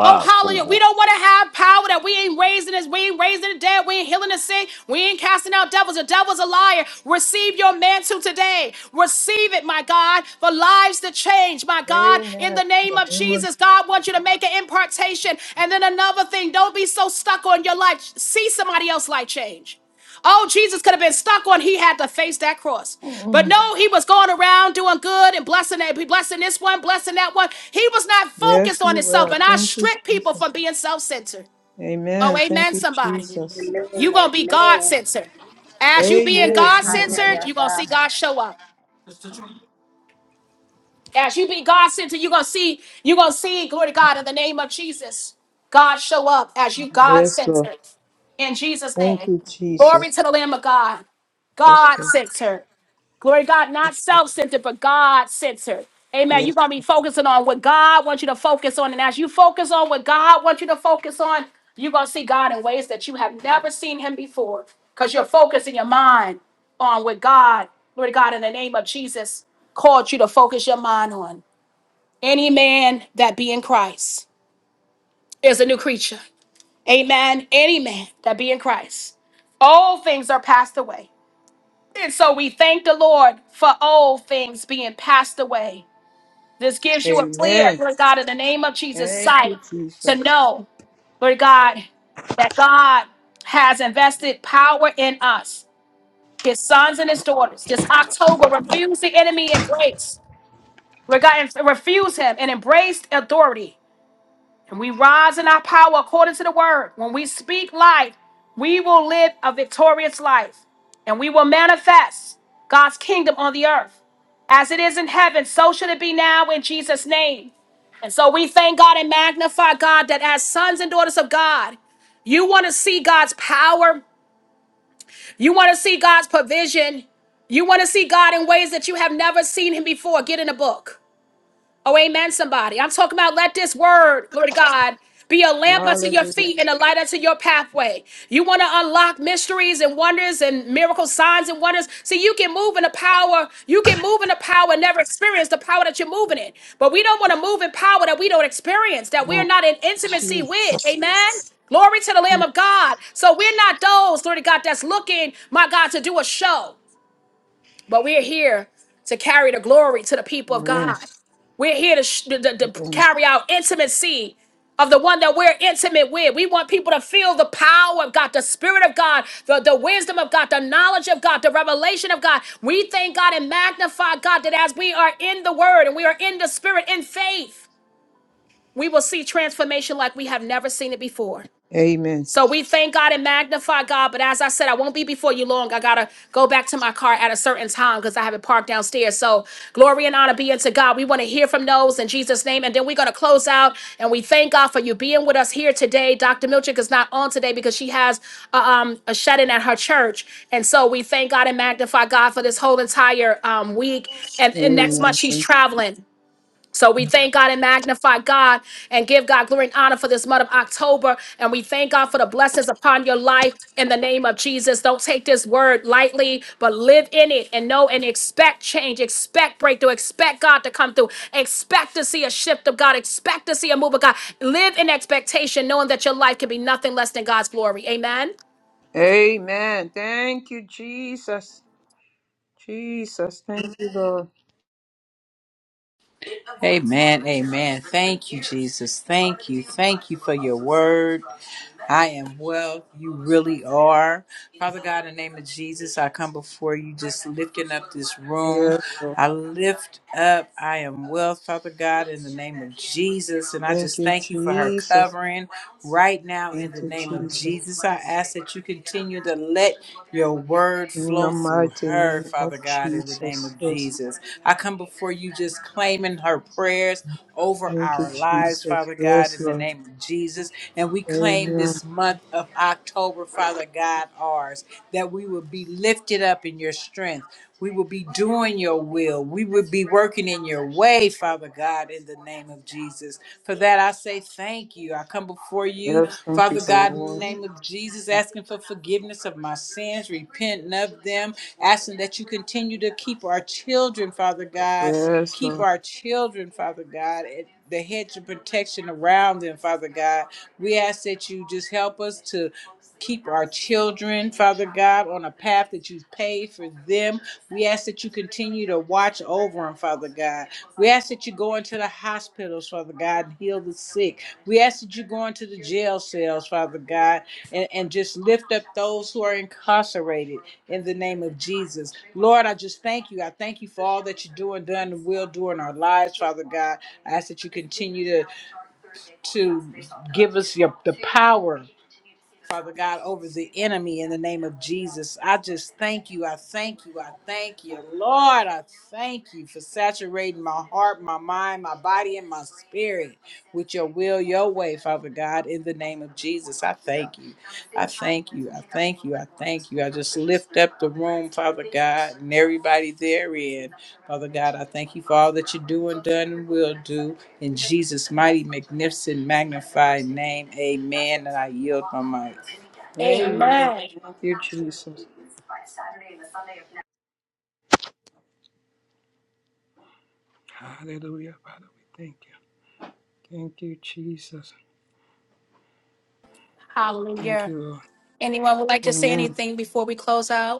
Oh, hallelujah. We don't want to have power that we ain't raising this. We ain't raising the dead. We ain't healing the sick. We ain't casting out devils. The devil's a liar. Receive your mantle today. Receive it, my God, for lives to change, my God. In Amen. the In name of the name of Jesus, God wants you to make an impartation. And then another thing, don't be so stuck on your life. See somebody else's life change. Oh, Jesus could have been stuck on he had to face that cross. But Jesus. no, he was going around doing good and blessing that, blessing this one, blessing that one. He was not Yes, focused on you himself. will. And I Thank you, strip people Jesus. from being self-centered. Oh, Amen. Thank amen, you, somebody. Jesus. Amen, you gonna be amen. God-centered. As you being Oh, Amen. hi, Thank you. hi, Jesus. God-centered, hi, you gonna hi. see God show up. As you be God center, you're gonna see, you're gonna see, glory to God, in the name of Jesus. God show up as you God Yes, Lord. centered in Jesus' Thank name. you, Glory Jesus. to the Lamb of God. Yes, God Lord. sent her. Glory to God, not self-centered, but God-centered. Amen. Yes. You're gonna be focusing on what God wants you to focus on. And as you focus on what God wants you to focus on, you're gonna see God in ways that you have never seen him before. Because you're focusing your mind on what God, Lord God, in the name of Jesus, called you to focus your mind on. Any man that be in Christ is a new creature. Amen. Any man that be in Christ. All things are passed away. And so we thank the Lord for old things being passed away. This gives you a clear, Amen. Lord God, in the name of Jesus, Thank sight you, to Jesus. know, Lord God, that God has invested power in us, his sons and his daughters. This October, refuse the enemy embrace. Lord God, and refuse him and embrace authority. And we rise in our power according to the word. When we speak life, we will live a victorious life and we will manifest God's kingdom on the earth. As it is in heaven, so should it be now in Jesus' name. And so we thank God and magnify God that as sons and daughters of God, you want to see God's power, you want to see God's provision, you want to see God in ways that you have never seen Him before. Get in the book. Oh, amen, somebody. I'm talking about let this word, glory to God, be a lamp unto your Hallelujah. feet and a light unto your pathway. You want to unlock mysteries and wonders and miracle signs and wonders. See, you can move in the power, you can move in the power and never experience the power that you're moving in. But we don't want to move in power that we don't experience, that Come we're on. not in intimacy Jesus. with. Amen. Glory to the Lamb of God. So we're not those, glory to God, that's looking, my God, to do a show. But we're here to carry the glory to the people of Amen. God. We're here to, sh- to, to- to Amen. carry out intimacy of the one that we're intimate with. We want people to feel the power of God, the Spirit of God, the, the wisdom of God, the knowledge of God, the revelation of God. We thank God and magnify God that as we are in the Word and we are in the Spirit in faith, we will see transformation like we have never seen it before. Amen. So we thank God and magnify God. But as I said, I won't be before you long. I gotta go back to my car at a certain time because I have it parked downstairs. So glory and honor be unto God. We want to hear from those in Jesus' name. And then we're gonna close out and we thank God for you being with us here today. Dr. Milchick is not on today because she has uh, um, a shut-in at her church. And so we thank God and magnify God for this whole entire um, week. And, and next month she's Amen. traveling. So we thank God and magnify God and give God glory and honor for this month of October. And we thank God for the blessings upon your life in the name of Jesus. Don't take this word lightly, but live in it and know and expect change, expect breakthrough, expect God to come through, expect to see a shift of God, expect to see a move of God. Live in expectation, knowing that your life can be nothing less than God's glory. Amen. Amen. Thank you, Jesus. Jesus. Thank you, Lord. Amen. Amen. Thank you, Jesus. Thank you. Thank you for your word. I am well. You really are. Father God, in the name of Jesus, I come before you just lifting up this room. Yes, Lord. I lift up, I am well, Father God, in the name of Jesus. And I Thank just you, thank you for her Jesus. covering right now in Thank the you, name of Jesus. Jesus. I ask that you continue to let your word In the flow through mighty her, name Father of God, in the name of Jesus. Yes. Jesus. I come before you just claiming her prayers over Thank you, our lives, Jesus. Father God, Yes, in the Lord. name of Jesus. And we claim Amen. this month of October, Father God, ours, that we will be lifted up in your strength. We will be doing your will. We will be working in your way, Father God, in the name of Jesus. For that, I say thank you. I come before you, Yes, thank you Father for your God, in the word. name of Jesus, asking for forgiveness of my sins, repenting of them, asking that you continue to keep our children, Father God Yes, Keep Lord. our children, Father God, at the hedge of protection around them, Father God. We ask that you just help us to keep our children, Father God, on a path that you've paved for them. We ask that you continue to watch over them, Father God. We ask that you go into the hospitals, Father God, and heal the sick. We ask that you go into the jail cells, Father God, and, and just lift up those who are incarcerated in the name of Jesus. Lord, I just thank you. I thank you for all that you do and done and will do in our lives, Father God. I ask that you continue to, to give us your, the power. Father God, over the enemy in the name of Jesus. I just thank you. I thank you. I thank you. Lord, I thank you for saturating my heart, my mind, my body, and my spirit with your will, your way, Father God, in the name of Jesus. I thank you. I thank you. I thank you. I thank you. I just lift up the room, Father God, and everybody therein. Father God, I thank you for all that you do and done and will do. In Jesus' mighty, magnificent, magnified name, amen. And I yield my Amen. Amen. Thank you, Jesus. mic. Hallelujah, Father. We thank you. Thank you, Jesus. Thank Hallelujah. you, Lord. Anyone would like to say Amen. anything before we close out?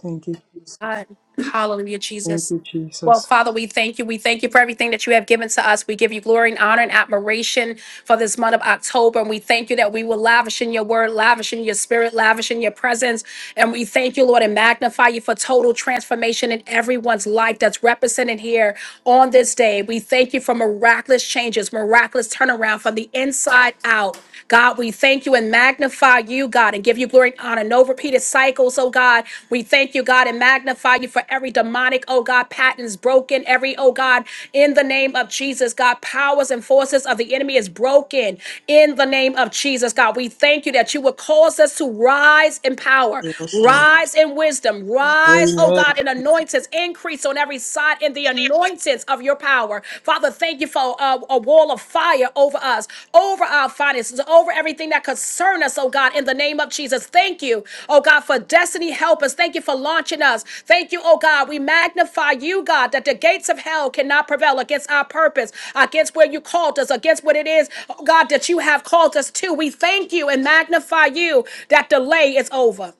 Thank you, Jesus. God. Hallelujah, Thank Jesus. you, Well, Jesus. Father, we thank you. We thank you for everything that you have given to us. We give you glory and honor and admiration for this month of October. And we thank you that we will lavish in your word, lavish in your spirit, lavish in your presence. And we thank you, Lord, and magnify you for total transformation in everyone's life that's represented here on this day. We thank you for miraculous changes, miraculous turnaround from the inside out. God, we thank you and magnify you you, God, and give you glory and honor. No repeated cycles, oh God. We thank you, God, and magnify you for every demonic, oh God, patterns broken. Every, oh God, in the name of Jesus, God, powers and forces of the enemy is broken in the name of Jesus, God. We thank you that you would cause us to rise in power, Yes, Lord. rise in wisdom, rise, oh Amen. God, in anointings, increase on every side in the anointings of your power power. Father, thank you for uh, a wall of fire over us, over our finances, over everything that concerns us, oh God, in the name of Jesus. Thank you, oh God, for destiny help us. Thank you for launching us. Thank you, oh God. We magnify you, God, that the gates of hell cannot prevail against our purpose, against where you called us, against what it is, oh God, that you have called us to. We thank you and magnify you that delay is over.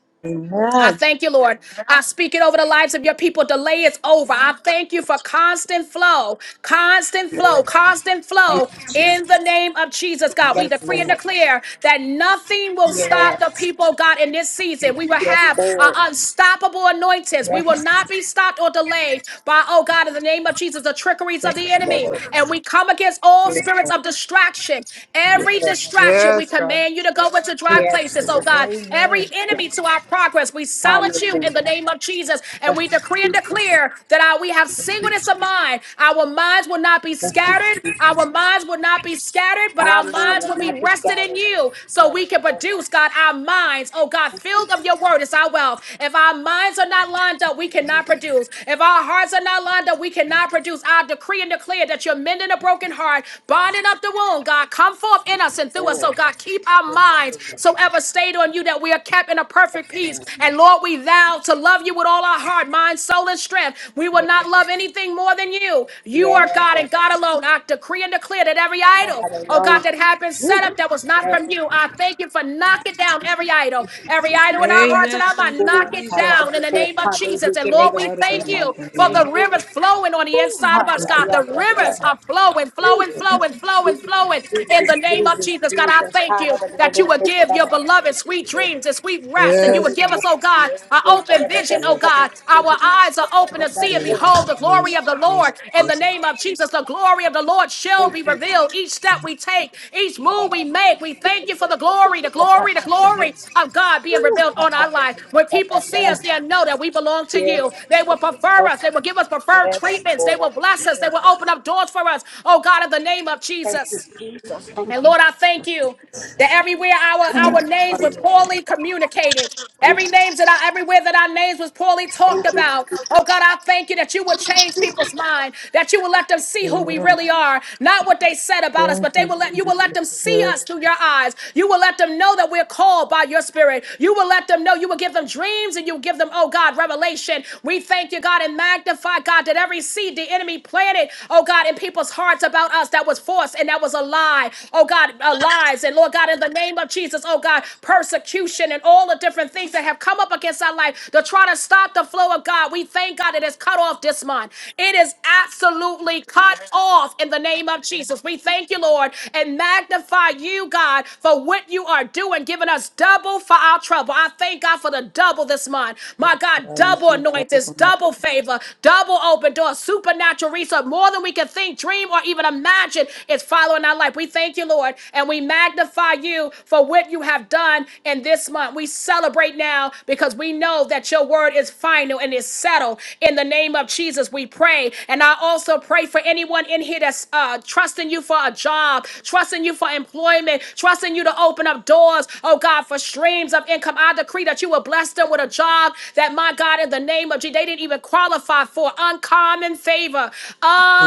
I Amen. thank you, Lord. I speak it over the lives of your people. Delay is over. I thank you for constant flow, constant flow, Lord. constant Thank flow you, Jesus. in the name of Jesus, God. We Yes, decree and Hallelujah. Lord. declare that nothing will stop the Yes, people, God, in this season. We will yes, have our Lord. unstoppable anointings. We will Yes, not be stopped or delayed by, oh God, in the name of Jesus, the trickeries of the thank you, enemy. Lord. And we come against all Yes, spirits Lord. of distraction. Every yes, distraction, we Yes, God. command you to go into dry yes, places, oh Lord. God every Amen. enemy Yes. to our progress. We silence you in the Hallelujah. name of Jesus, and we Thank decree and you, Jesus. declare that our, we have singleness of mind. Our minds will not be Thank you, scattered. Our Jesus. minds will not be scattered, but Our our mind minds will will be not be rested in scattered. you, so Yes, we can Lord. produce, God, our minds. Oh God, Thank you, filled of your word is our wealth. If our minds are not lined up, we cannot produce. If our hearts are not lined up, we cannot produce. I decree and declare that you're mending a broken heart, binding up the wound. God, come forth in us Jesus, and through us. So Lord. God, keep our Yes, minds Lord. so ever stayed on you, that we are kept in a perfect Yes, peace. Lord. And Lord, we vow to love you with all our heart, mind, soul, and strength. We will Yes, not love anything more than you. You are God and yes. God alone. I decree and declare that every idol, oh God, Hallelujah. that has been Woo. set up that was not Yes, from you, I thank you for knocking down every idol, every idol in our hearts Amen. and our Thank mind. Lord. Knock you, it Hallelujah. Jesus. down in the name of Jesus. And Every Lord, Hallelujah. we ought to be Hallelujah. thank my you for grandmother. the Hallelujah. rivers flowing on the inside of us, Thank you, God. The Woo. rivers Hallelujah. are flowing, flowing, Jesus. flowing, Jesus, flowing, flowing in Jesus, the name of Jesus. Jesus. God. Jesus, Jesus. God, I thank you that you would give your beloved sweet dreams and sweet rest, and you would Yes, give us, God. oh God, an open vision, oh Yes. God. Our eyes are open to see and In behold the Jesus' glory of the Lord. In the Jesus. name of Jesus, the glory of the Lord shall be revealed. Each step we take, each move we make, we thank you for the glory, the glory, the glory of God being revealed on our life. When people see us, they'll know that we belong to Yes, you. They will prefer yes, us. They will give us preferred yes, treatments. They Lord. will bless us. They Yes. will open up doors for us. Oh God, in the name of Thank you, Jesus. Jesus. And Thank you. Lord, I thank you that everywhere our, our names were poorly communicated. Every names that I everywhere that our names was poorly talked about. Oh God, I thank you that you would change people's mind, that you will let them see who we Amen. really are, not what they said about us, Thank but they you, will let you will Jesus. let them see Spirit us through of your eyes. You will let them know that we're called by your spirit. You will let them know you will give them dreams and you will give them, oh God, revelation. We thank you you, God, and magnify, God, that every seed the enemy planted, oh God, in people's hearts about us that was forced and that was a lie, oh God, uh, lies. And Lord God, in the name of Jesus, oh God, persecution and all the different things that have come up against our life to try to stop the flow of God. We thank God it is cut off this month. It is absolutely cut off in the name of Jesus. We thank you, Lord, and magnify you, God, for what you are doing, giving us double for our trouble. I thank God for the double this month. God, My that God, I double receive Bible anointings, from you. double favor, double open doors, supernatural resource, more than we can think, dream, or even imagine is following our life. We thank you, Lord, and we magnify you for what you have done in this month. We celebrate now because we know that your word is final and is settled. In the name of Jesus, we pray pray. And I also pray for anyone in here that's uh, trusting you for a job, trusting you for employment, trusting you to open up doors, oh God, for streams of income. I decree that you will bless them with a job that, my God, in the name of Jesus, they didn't even qualify for. Uncommon favor,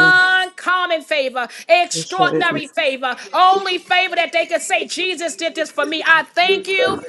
Amen. favor, So shall it be. extraordinary favor, only favor that they could say, Jesus did this for me. I thank Jesus. you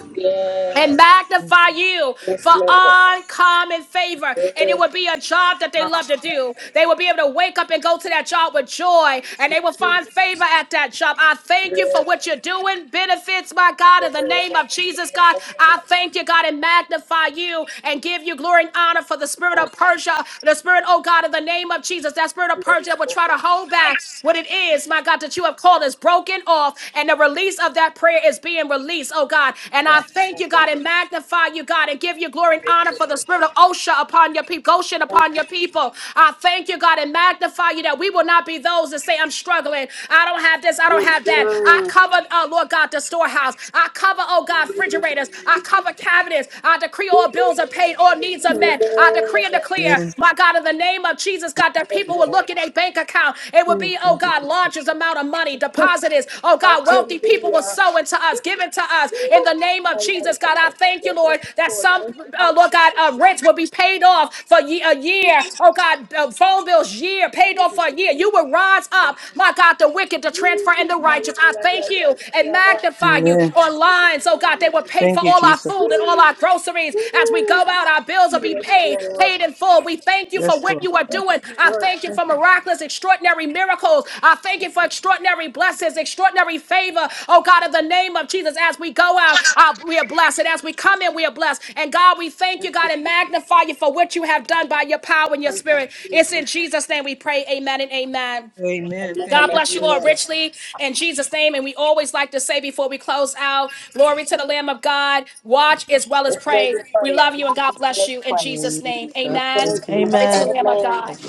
and Yes. magnify you Yes, for Lord. uncommon favor. And it will be a job that they love to do. They will be able to wake up and go to that job with joy, and they will Yes. find favor at that job. I thank you for Hallelujah. what you're doing. Benefits, my God, in the name of Jesus, God. I thank you, God, and magnify you and give you glory and honor for the spirit of Persia, the spirit, oh God, in the name of Jesus, that spirit of Persia that will try to hold back what it is, my God. God, that you have called is broken off, and the release of that prayer is being released, oh God. And I thank you, God, and magnify you, God, and give you glory and honor for the spirit of Osha upon your people, Goshen upon your people. I thank you, God, and magnify you that we will not be those that say, I'm struggling. I don't have this, I don't have that. I cover, uh, Lord God, the storehouse. I cover, oh God, refrigerators. I cover cabinets. I decree all bills are paid, all needs are met. I decree and declare declare, Amen. my God, in the name of Jesus, God, that people will Jesus. look in a bank account. It will Oh, be, oh thank you, God, Jesus. largest amount of money, depositors. Oh God, wealthy people will sow into us, give it to us. In the name of Jesus, God, I thank you, Lord, that some, uh, Lord God, uh, rents will be paid off for ye- a year. Oh God, uh, phone bills year, paid off for a year. You will rise up, my God, the wicked, the transfer, and the righteous. I thank you and magnify you Amen. online minds, oh God, they were paid Thank for you, all our Jesus. food and all our groceries. As we go out, our bills will be Yes, paid, Lord. paid in full. We thank you for Yes, what Lord. you are Thank doing. you, I Lord. thank you for Thank you. miraculous, extraordinary miracles. I thank you for extraordinary blessings, extraordinary favor, oh God, in the name of Jesus. As we go out, uh, we are blessed. And as we come in, we are blessed. And God, we thank you, Thank you. God, and magnify you for what you have done by your power and your Thank you. spirit. It's in Jesus. Jesus' name we pray. Amen and amen. Amen. Amen. Thank God you, bless you all Amen. Jesus. richly in Jesus' name. And we always like to say before we close out, glory to the Lamb of God. Watch as well as Let's magnify. Jesus. pray. We love you and God God is bless you in magnified. Jesus' name. Amen. God Amen. bless Thank you. God you. Glory Amen. to the Lamb of God. Amen. bless